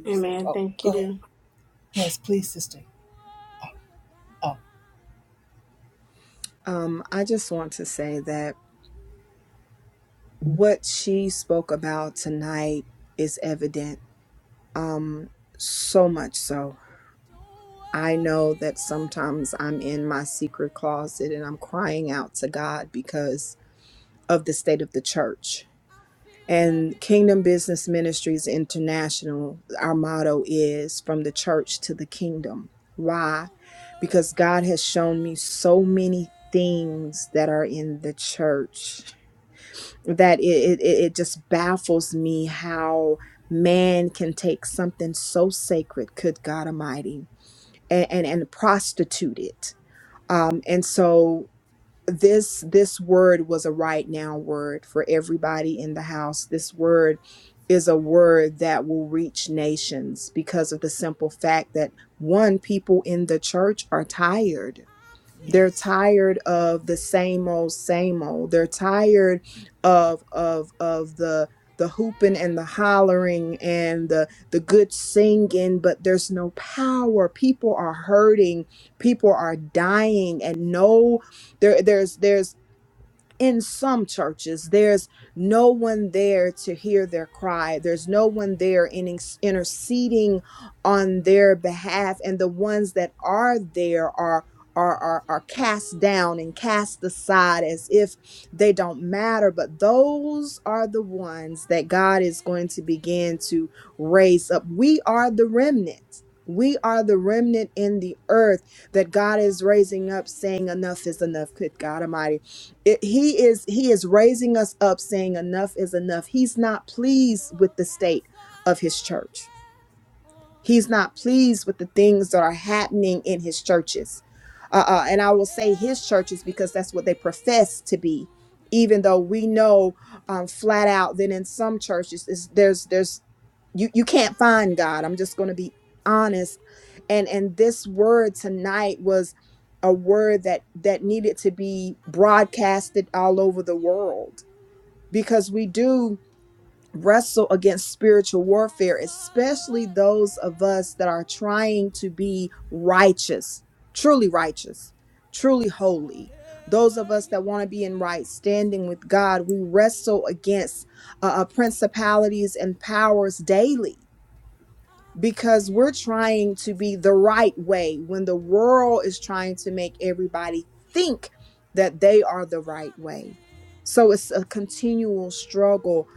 Speaker 3: Amen. Thank you.
Speaker 4: Um, I just want to say that what she spoke about tonight is evident. Um, so much so. I know that sometimes I'm in my secret closet and I'm crying out to God because of the state of the church. And Kingdom Business Ministries International, our motto is from the church to the kingdom. Why? Because God has shown me so many things that are in the church that it, it, it it just baffles me how man can take something so sacred, good God Almighty, and, and, and prostitute it. Um, and so this this word was a right now word for everybody in the house this word is a word that will reach nations because of the simple fact that one people in the church are tired they're tired of the same old, same old. They're tired of of of the the hooping and the hollering and the the good singing, but there's no power. People are hurting. People are dying, and no, there there's there's in some churches there's no one there to hear their cry there's no one there in interceding on their behalf and the ones that are there are are, are, are cast down and cast aside as if they don't matter. But those are the ones that God is going to begin to raise up. We are the remnant. We are the remnant in the earth that God is raising up, saying, Enough is enough. Good God Almighty it, he is he is raising us up saying enough is enough he's not pleased with the state of his church He's not pleased with the things that are happening in his churches. Uh, uh, and I will say his churches because that's what they profess to be, even though we know um, flat out that in some churches is there's there's you you can't find God. I'm just going to be honest, and and this word tonight was a word that that needed to be broadcasted all over the world because we do wrestle against spiritual warfare, especially those of us that are trying to be righteous, truly righteous, truly holy. Those of us that want to be in right standing with God, we wrestle against uh, uh, principalities and powers daily because we're trying to be the right way when the world is trying to make everybody think that they are the right way. So it's a continual struggle.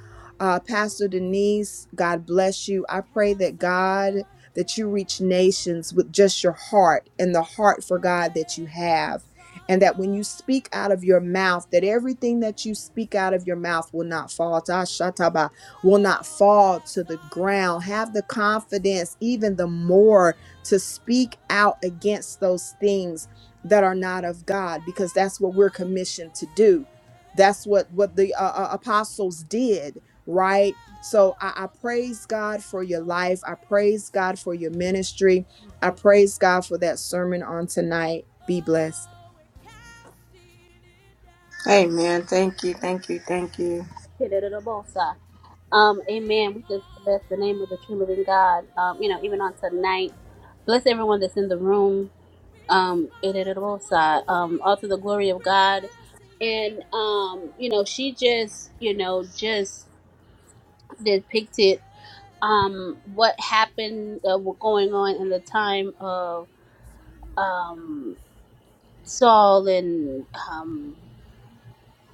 Speaker 4: Uh, Pastor Denise, God bless you. I pray that God, that you reach nations with just your heart and the heart for God that you have. And that when you speak out of your mouth, that everything that you speak out of your mouth will not fall. Ta shataba will not fall to the ground. Have the confidence, even the more, to speak out against those things that are not of God, because that's what we're commissioned to do. That's what what the uh, uh, apostles did, right? So I, I praise God for your life. I praise God for your ministry. I praise God for that sermon on tonight. Be blessed.
Speaker 3: Amen. Thank you. Thank you. Thank you.
Speaker 2: Kidderabosha. Um, amen. We just bless the name of the true living God. Um, you know, even on tonight, bless everyone that's in the room. Um, Kidderabosha. um, all to the glory of God. And um, you know, she just, you know, just depicted um what happened uh, what going on in the time of um Saul and um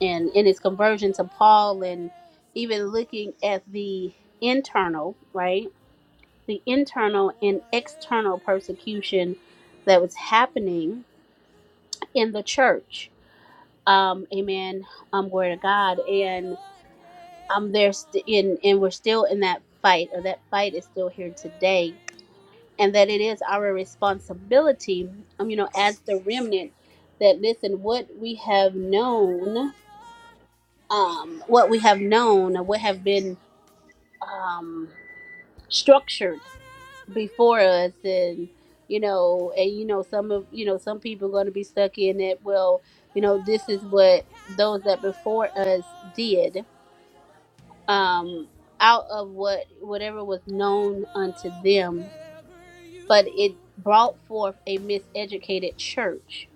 Speaker 2: and in his conversion to Paul and even looking at the internal, right? The internal and external persecution that was happening in the church. Um, amen. Um, glory to God. And um, there's st- in and we're still in that fight, or that fight is still here today, and that it is our responsibility. Um, you know, as the remnant, that listen, what we have known, um, what we have known, or what have been um, structured before us and you know and you know some of you know some people are going to be stuck in it well you know this is what those that before us did um out of what whatever was known unto them but it brought forth a miseducated church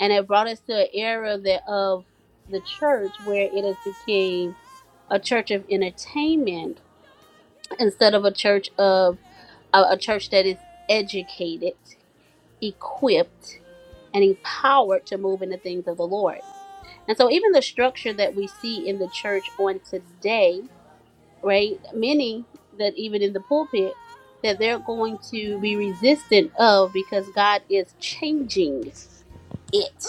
Speaker 2: and it brought us to an era that of the church where it has became a church of entertainment instead of a church of a, a church that is educated, equipped, and empowered to move in the things of the Lord. And so, even the structure that we see in the church on today, right? Many that even in the pulpit, that they're going to be resistant of because God is changing it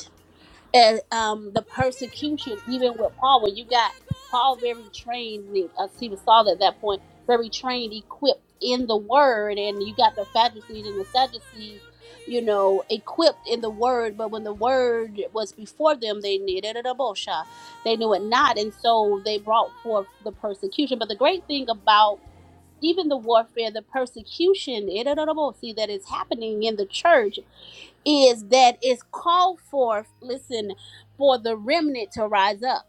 Speaker 2: and um, the persecution, even with Paul, when you got Paul very trained, as he was Saul at that point, very trained, equipped in the word, and you got the Pharisees and the Sadducees, you know, equipped in the word, but when the word was before them, they needed a bosha. They knew it not, and so they brought forth the persecution. But the great thing about even the warfare, the persecution, see that is happening in the church is that it's called forth, listen, for the remnant to rise up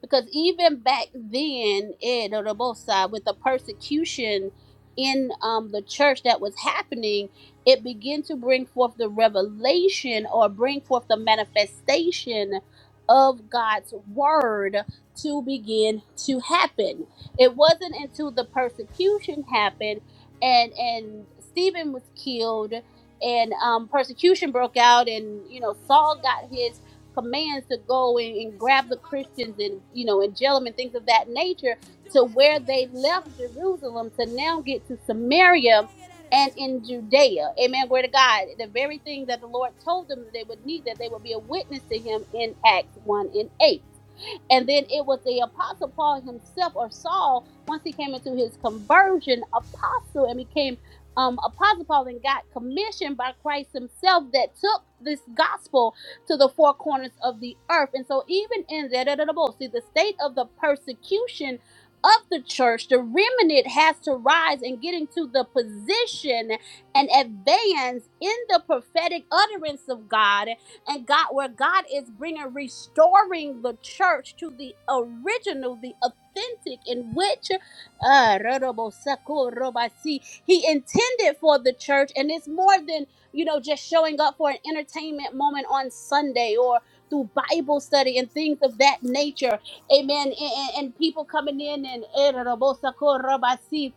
Speaker 2: because even back then it on the both side with the persecution in um, the church that was happening it began to bring forth the revelation or bring forth the manifestation of god's word to begin to happen it wasn't until the persecution happened and and stephen was killed and um, persecution broke out and you know saul got his commands to go and, and grab the Christians and you know and jail them and things of that nature to where they left Jerusalem to now get to Samaria and in Judea. Amen. Glory to God. The very thing that the Lord told them that they would need, that they would be a witness to him in Acts 1 and 8. And then it was the apostle Paul himself or Saul, once he came into his conversion, apostle and became um, apostle Paul and got commissioned by Christ himself that took this gospel to the four corners of the earth. And so, even in that, see, the state of the persecution of the church, the remnant has to rise and get into the position and advance in the prophetic utterance of God and God, where God is bringing, restoring the church to the original, the authentic, in which uh, He intended for the church. And it's more than you know, just showing up for an entertainment moment on Sunday or through Bible study and things of that nature. Amen. And, and, and people coming in and and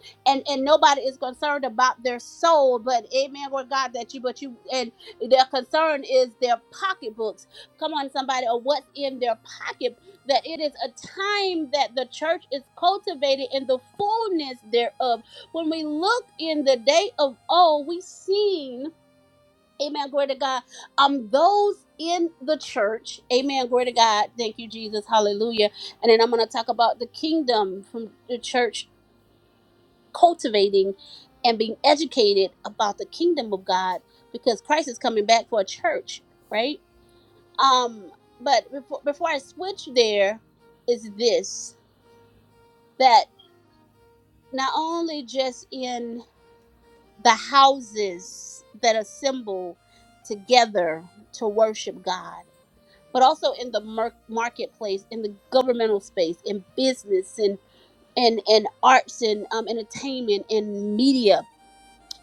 Speaker 2: and nobody is concerned about their soul, but amen, Lord God, that you but you and their concern is their pocketbooks. Come on, somebody, or what's in their pocket that it is a time that the church is cultivated in the fullness thereof. When we look in the day of old, we seen Amen. Glory to God. Um, those in the church. Amen. Glory to God. Thank you, Jesus. Hallelujah. And then I'm going to talk about the kingdom from the church cultivating and being educated about the kingdom of God because Christ is coming back for a church, right? Um, but before before I switch there, is this that not only just in the houses that assemble together to worship God but also in the mer- marketplace, in the governmental space, in business, and and and arts, and um, entertainment, and media.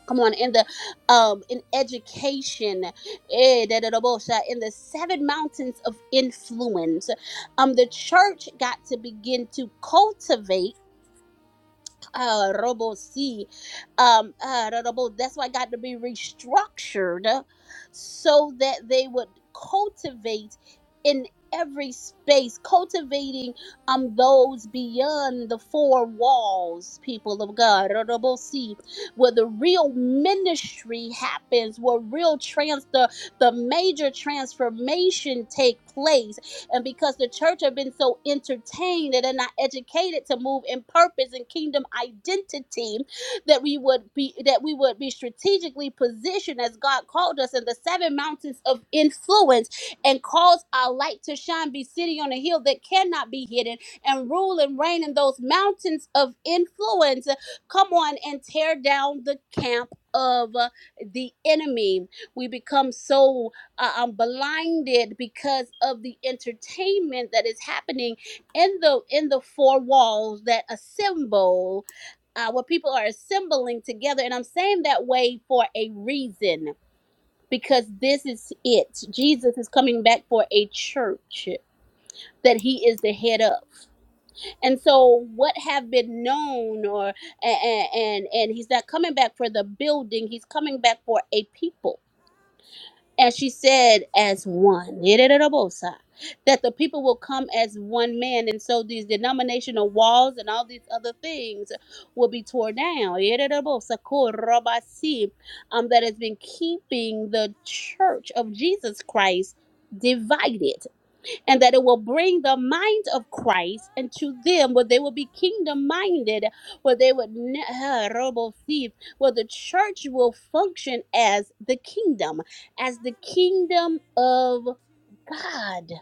Speaker 2: Come on, in the um, in education, eh, da, da, da, bosha, in the seven mountains of influence, um, the church got to begin to cultivate uh robo c um uh da- da- bo- that's why it got to be restructured uh, so that they would cultivate in every space cultivating um those beyond the four walls people of god da- da- bo- see where the real ministry happens where real trans the the major transformation take place and because the church have been so entertained that they're not educated to move in purpose and kingdom identity, that we would be that we would be strategically positioned as God called us in the seven mountains of influence and cause our light to shine, be sitting on a hill that cannot be hidden, and rule and reign in those mountains of influence. Come on and tear down the camp of uh, the enemy. We become so uh, um, blinded because of the entertainment that is happening in the in the four walls that assemble uh, where people are assembling together and i'm saying that way for a reason because this is it jesus is coming back for a church that he is the head of and so what have been known or and and, and he's not coming back for the building he's coming back for a people as she said, as one. Ererebosa. That the people will come as one man, and so these denominational walls and all these other things will be torn down. Ererebosa, korobasi, Um, that has been keeping the church of Jesus Christ divided and that it will bring the mind of Christ into them, where they will be kingdom minded, where they would ne- ah, robo see, where the church will function as the kingdom, as the kingdom of God,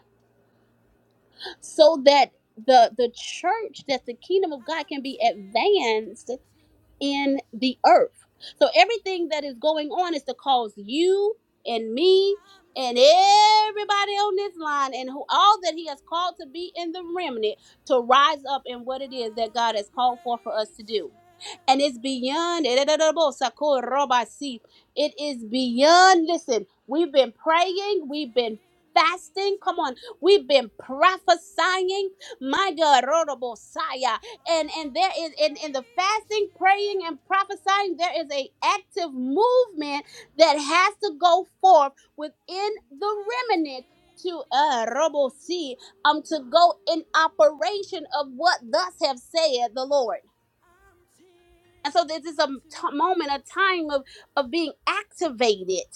Speaker 2: so that the the church, that the kingdom of God can be advanced in the earth. So everything that is going on is to cause you and me and everybody on this line and who all that he has called to be in the remnant to rise up in what it is that God has called for for us to do. And it's beyond it is beyond listen, we've been praying, we've been fasting. Come on, we've been prophesying. My God, and and there is in in the fasting praying and prophesying there is a active movement that has to go forth within the remnant to uh robo see um to go in operation of what thus have said the lord and so this is a t- moment a time of of being activated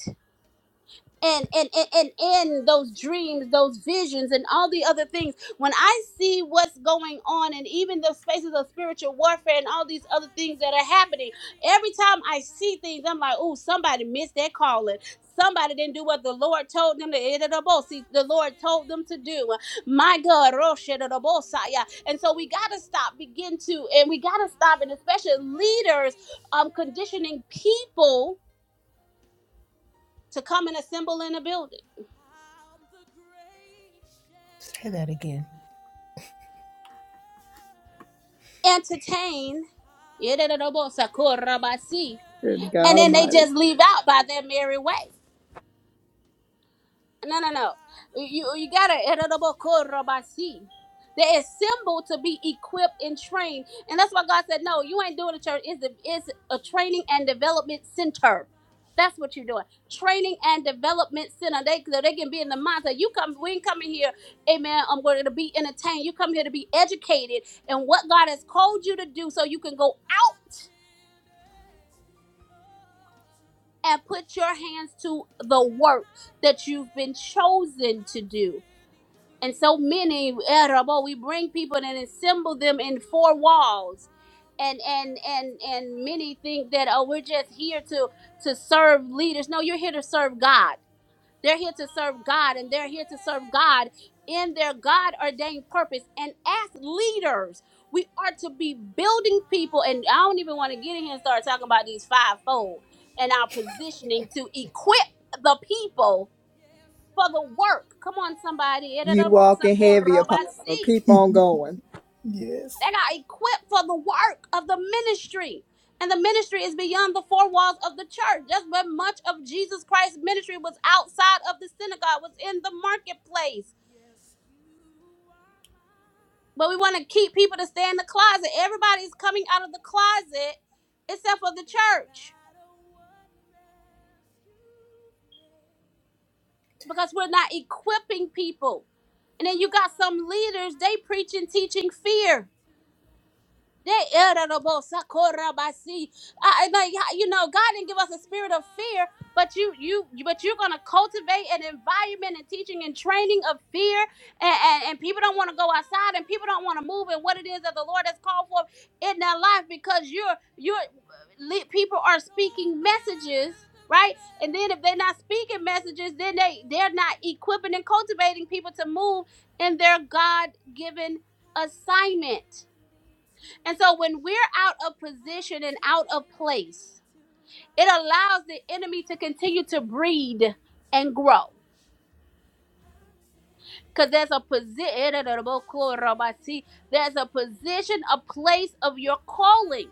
Speaker 2: and and and and, and those dreams those visions and all the other things when i see what's going on and even the spaces of spiritual warfare and all these other things that are happening every time i see things i'm like oh somebody missed their calling somebody didn't do what the lord told them to see the lord told them to do my god Roshedabosaya. and so we gotta stop begin to and we gotta stop and especially leaders um conditioning people to come and assemble in a building entertain.
Speaker 4: Good God
Speaker 2: And then they
Speaker 4: Almighty,
Speaker 2: just leave out by their merry way. No, no, no. You, you gotta yedidobokorabasi. They assemble to be equipped and trained. And that's why God said, No, you ain't doing a church. It's a, it's a training and development center. That's what you're doing. Training and development center. They they can be in the mindset. You come, we ain't coming here, amen. I'm going to be entertained. You come here to be educated in what God has called you to do so you can go and put your hands to the work that you've been chosen to do. And so many, eh, Rabo, we bring people and assemble them in four walls. And, and and and many think that oh we're just here to to serve leaders. No, you're here to serve God. They're here to serve God and they're here to serve God in their God ordained purpose. And as leaders, we are to be building people. And I don't even want to get in here and start talking about these fivefold and our positioning to equip the people for the work. Come on, somebody.
Speaker 4: you walking heavy, apostle. Keep on going.
Speaker 2: They're not equipped for the work of the ministry. And the ministry is beyond the four walls of the church. That's where much of Jesus Christ's ministry was outside of the synagogue, was in the marketplace. But we want to keep people to stay in the closet. Everybody's coming out of the closet except for the church because we're not equipping people. And then you got some leaders, they preaching, teaching fear They irritable, sakura basi. I, I like yeah, you know, God didn't give us a spirit of fear, but you you but you're gonna cultivate an environment and teaching and training of fear, and, and, and people don't want to go outside and people don't want to move and what it is that the Lord has called for in their life because you're you're uh, le- people are speaking messages. Right, and then if they're not speaking messages, then they they're not equipping and cultivating people to move in their God given assignment. And so when we're out of position and out of place, it allows the enemy to continue to breed and grow. Because there's a position, there's a position, a place of your calling.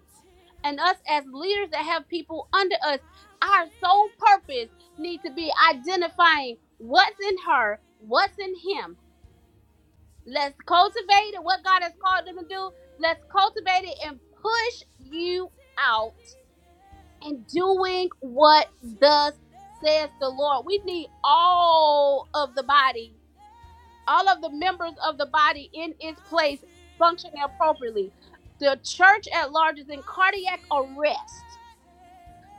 Speaker 2: And us as leaders that have people under us, our sole purpose need to be identifying what's in her, what's in him. Let's cultivate it, what God has called them to do. Let's cultivate it and push you out and doing what thus says the Lord. We need all of the body, all of the members of the body in its place functioning appropriately. The church at large is in cardiac arrest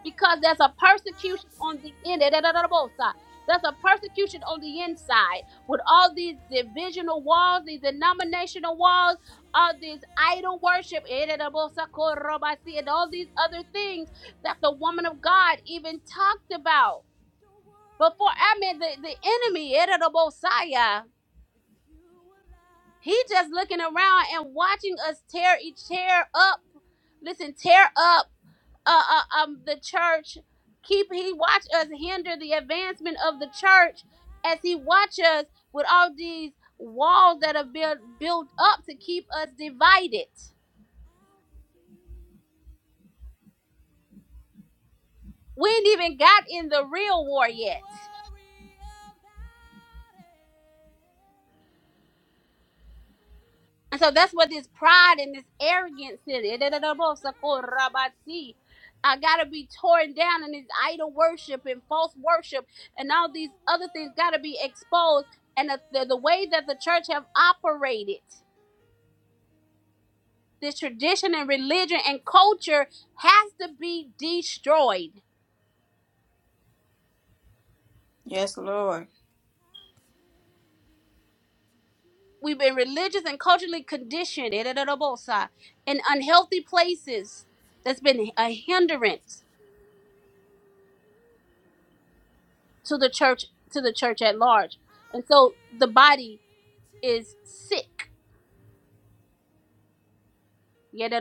Speaker 2: because there's a persecution on the end. There's a persecution on the inside with all these divisional walls, these denominational walls, all these idol worship, and all these other things that the woman of God even talked about. Before, I mean, the, the enemy, he just looking around and watching us tear each tear up. Listen, tear up uh, uh, um, the church. Keep he watch us hinder the advancement of the church as he watch us with all these walls that are built built up to keep us divided. We ain't even got in the real war yet, and so that's what this pride and this arrogance is. I gotta be torn down, and this idol worship and false worship and all these other things gotta be exposed. And the, the, the way that the church have operated the tradition and religion and culture has to be destroyed.
Speaker 3: Yes, Lord.
Speaker 2: We've been religious and culturally conditioned in unhealthy places. That's been a hindrance to the church to the church at large. And so the body is sick. And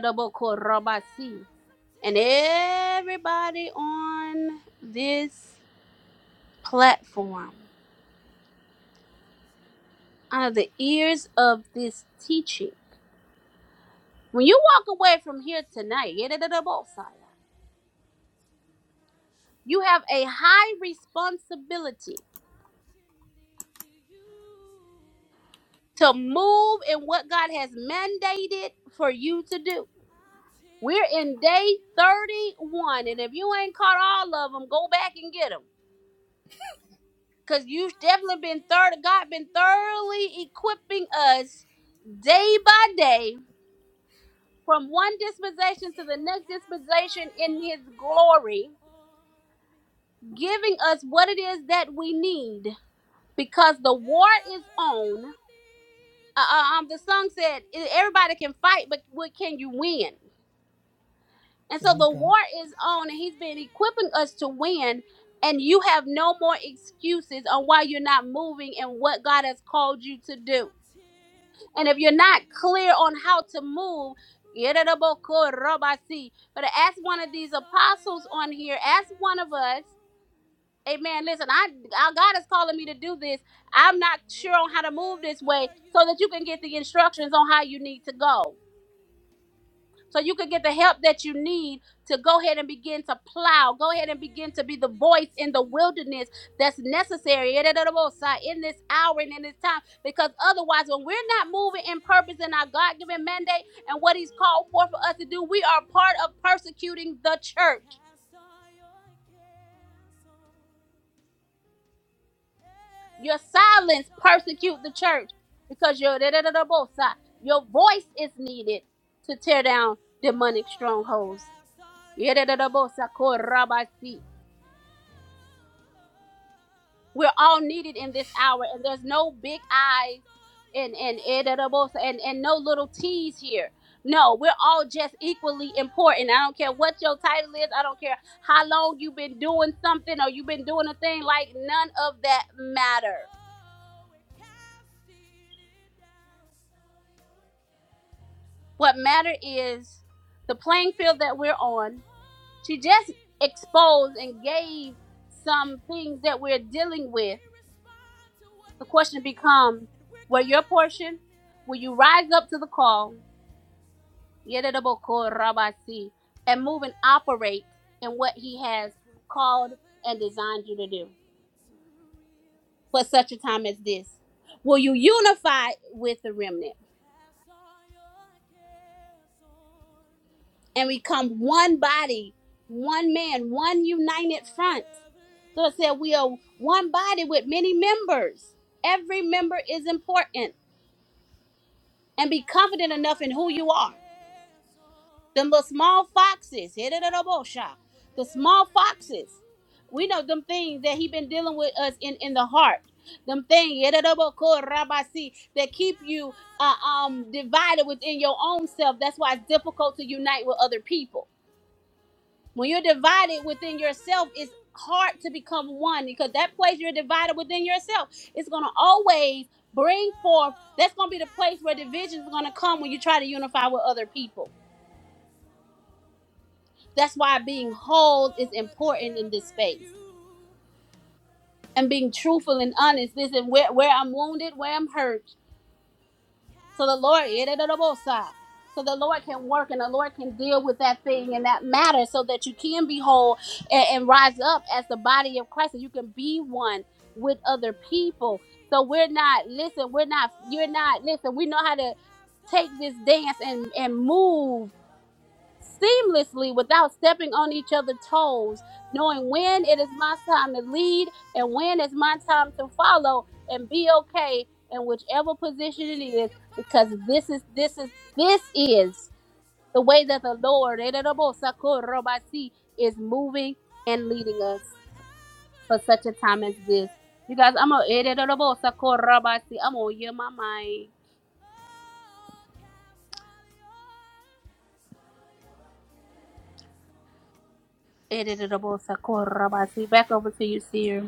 Speaker 2: everybody on this platform, under the ears of this teaching When you walk away from here tonight, you have a high responsibility to move in what God has mandated for you to do. We're in day 31, and if you ain't caught all of them, go back and get them. Because you've definitely been third, God been thoroughly equipping us day by day from one dispensation to the next dispensation in his glory, giving us what it is that we need because the war is on. Uh, uh, um, the song said "E- everybody can fight, but what can you win? And so the war is on, and he's been equipping us to win. And you have no more excuses on why you're not moving and what God has called you to do. And if you're not clear on how to move, but ask one of these apostles on here, ask one of us Amen. Listen, I our God is calling me to do this. I'm not sure on how to move this way so that you can get the instructions on how you need to go. So you can get the help that you need to go ahead and begin to plow. Go ahead and begin to be the voice in the wilderness that's necessary in this hour and in this time. Because otherwise, when we're not moving in purpose in our God given mandate and what He's called for for us to do, we are part of persecuting the church. Your silence persecute the church because your da da da da both sides. Your voice is needed to tear down demonic strongholds. Yeah, da da da both sides. Korabasi. We're all needed in this hour, and there's no big eyes and and eh, da da both sides, and and no little T's here. No, we're all just equally important. I don't care what your title is. I don't care how long you've been doing something or you've been doing a thing. Like none of that matter What matter is the playing field that we're on. She just exposed and gave some things that we're dealing with. The question becomes, what your portion? Will you rise up to the call? Yedidaboko rabasi, And move and operate in what he has called and designed you to do for such a time as this? Will you unify with the remnant? and we become one body, one man, one united front. So it said, We are one body with many members. Every member is important and be confident enough in who you are. Them little small foxes, hit it at a bull shot. The small foxes. We know them things that he been dealing with us in, in the heart. Them things that keep you uh, um divided within your own self. That's why it's difficult to unite with other people When you're divided within yourself, it's hard to become one because that place you're divided within yourself is going to always bring forth. That's going to be the place where division is going to come when you try to unify with other people. That's why being whole is important in this space and being truthful and honest. Listen, where, where I'm wounded, where I'm hurt, So the Lord, Yedidabosa. so the Lord can work and the Lord can deal with that thing and that matter so that you can be whole and, and rise up as the body of Christ and you can be one with other people. So we're not, listen, we're not, you're not, listen, we know how to take this dance and, and move seamlessly without stepping on each other's toes, knowing when it is my time to lead and when it's my time to follow and be okay in whichever position it is, because this is this is this is the way that the Lord is moving and leading us for such a time as this. You guys, I'm a I'm gonna hear my mind. Back over to you, Seer.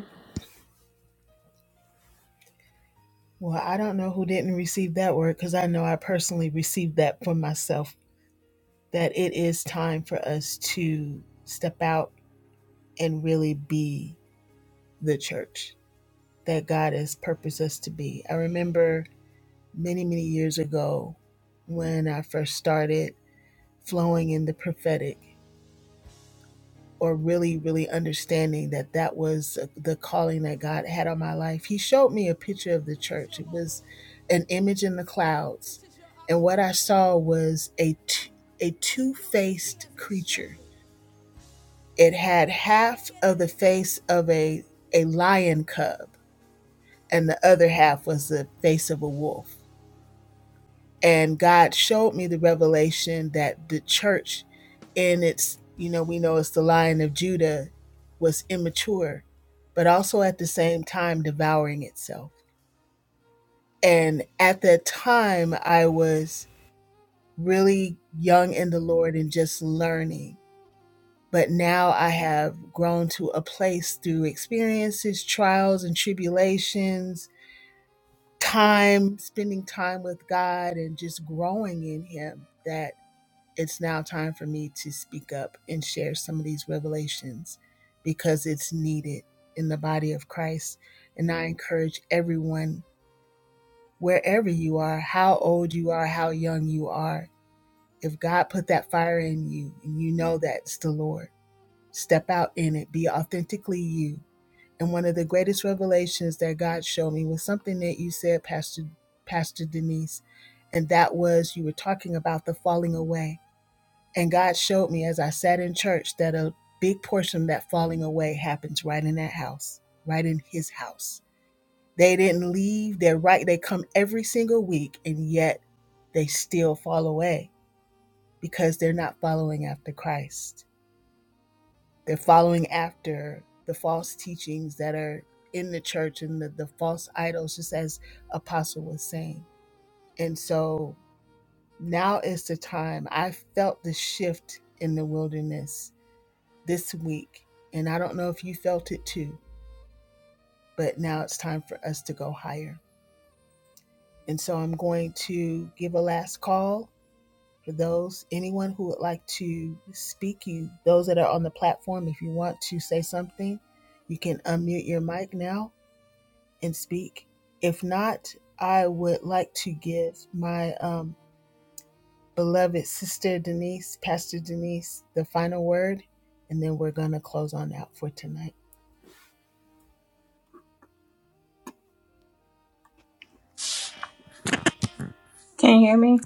Speaker 3: Can you hear me?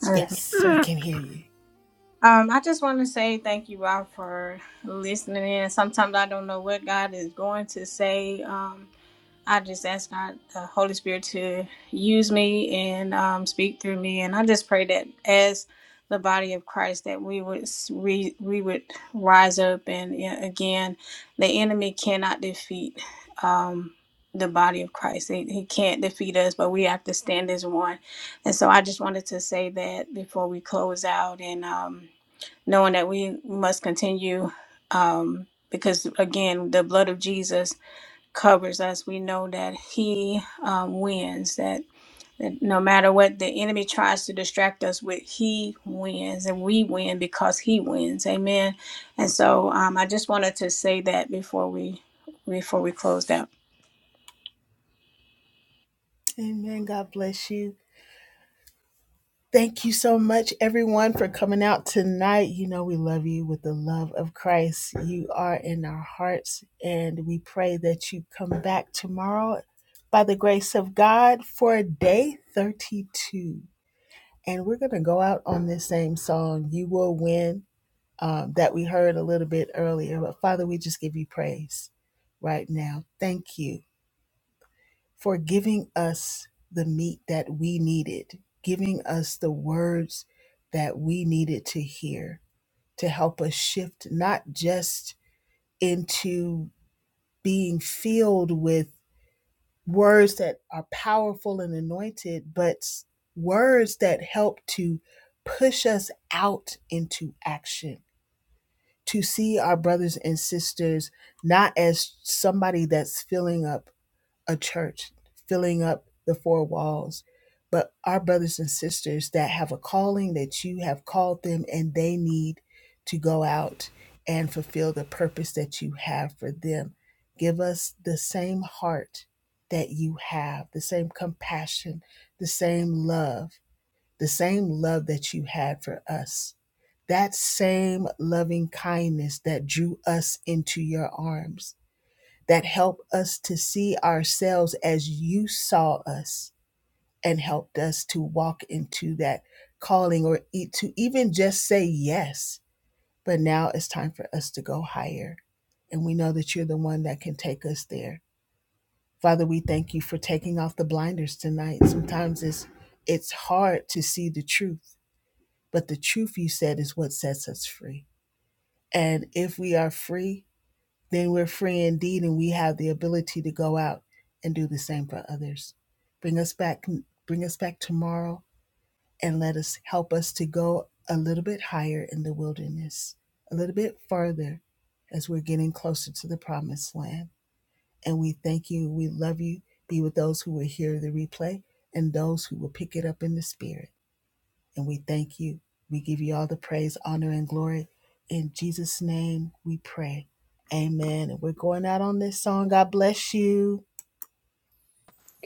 Speaker 3: Yes. Um, I just want to say thank you for listening in. Sometimes I don't know what God is going to say. Um, I just ask God, the Holy Spirit, to use me and um, speak through me, and I just pray that as the body of Christ, that we would s- we, we would rise up, and yeah, again, the enemy cannot defeat um, the body of Christ. He, he can't defeat us, but we have to stand as one. And so, I just wanted to say that before we close out, and um, knowing that we must continue. Um, because again, the blood of Jesus covers us. We know that He um, wins. That that no matter what the enemy tries to distract us with, He wins, and we win because He wins. Amen. And so um, I just wanted to say that before we before we closed out.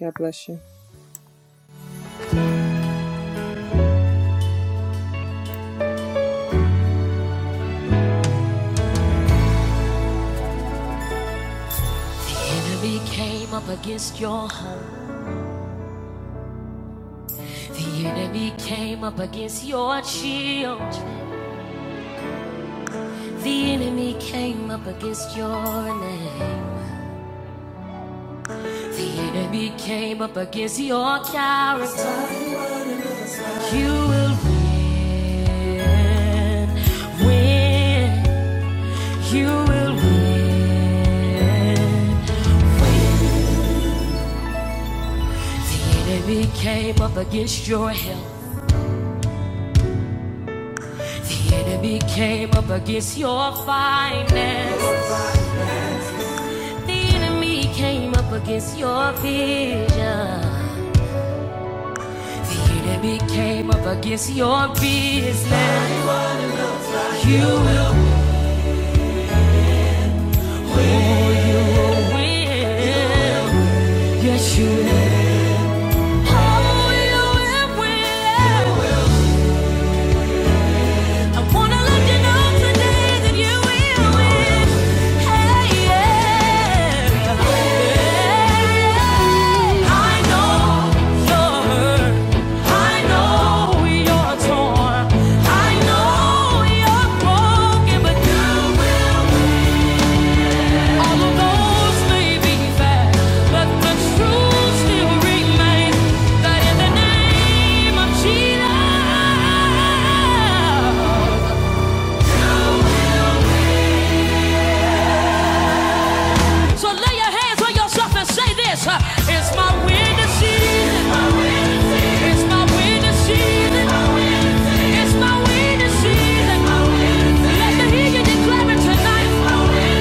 Speaker 4: God bless you.
Speaker 1: The enemy came up against your name. The enemy came up against your character. You will win, win. You will win. The enemy came up against your health. The enemy came up against your finances. The enemy came up against your vision. The enemy came up against your business. You will win. You will win. Yes, you will. Oh, you will win. I wanna let you know today that you will win. Hey, yeah. I know you're hurt. I know you're torn. I know you're broken, but you will win. All the roads may be fast, but the truth still remains that in the name of Jesus. So lay your hands on yourself and say this. uh, It's my winning season. It's my winning season. It's my winning season. Let me hear you declare it tonight.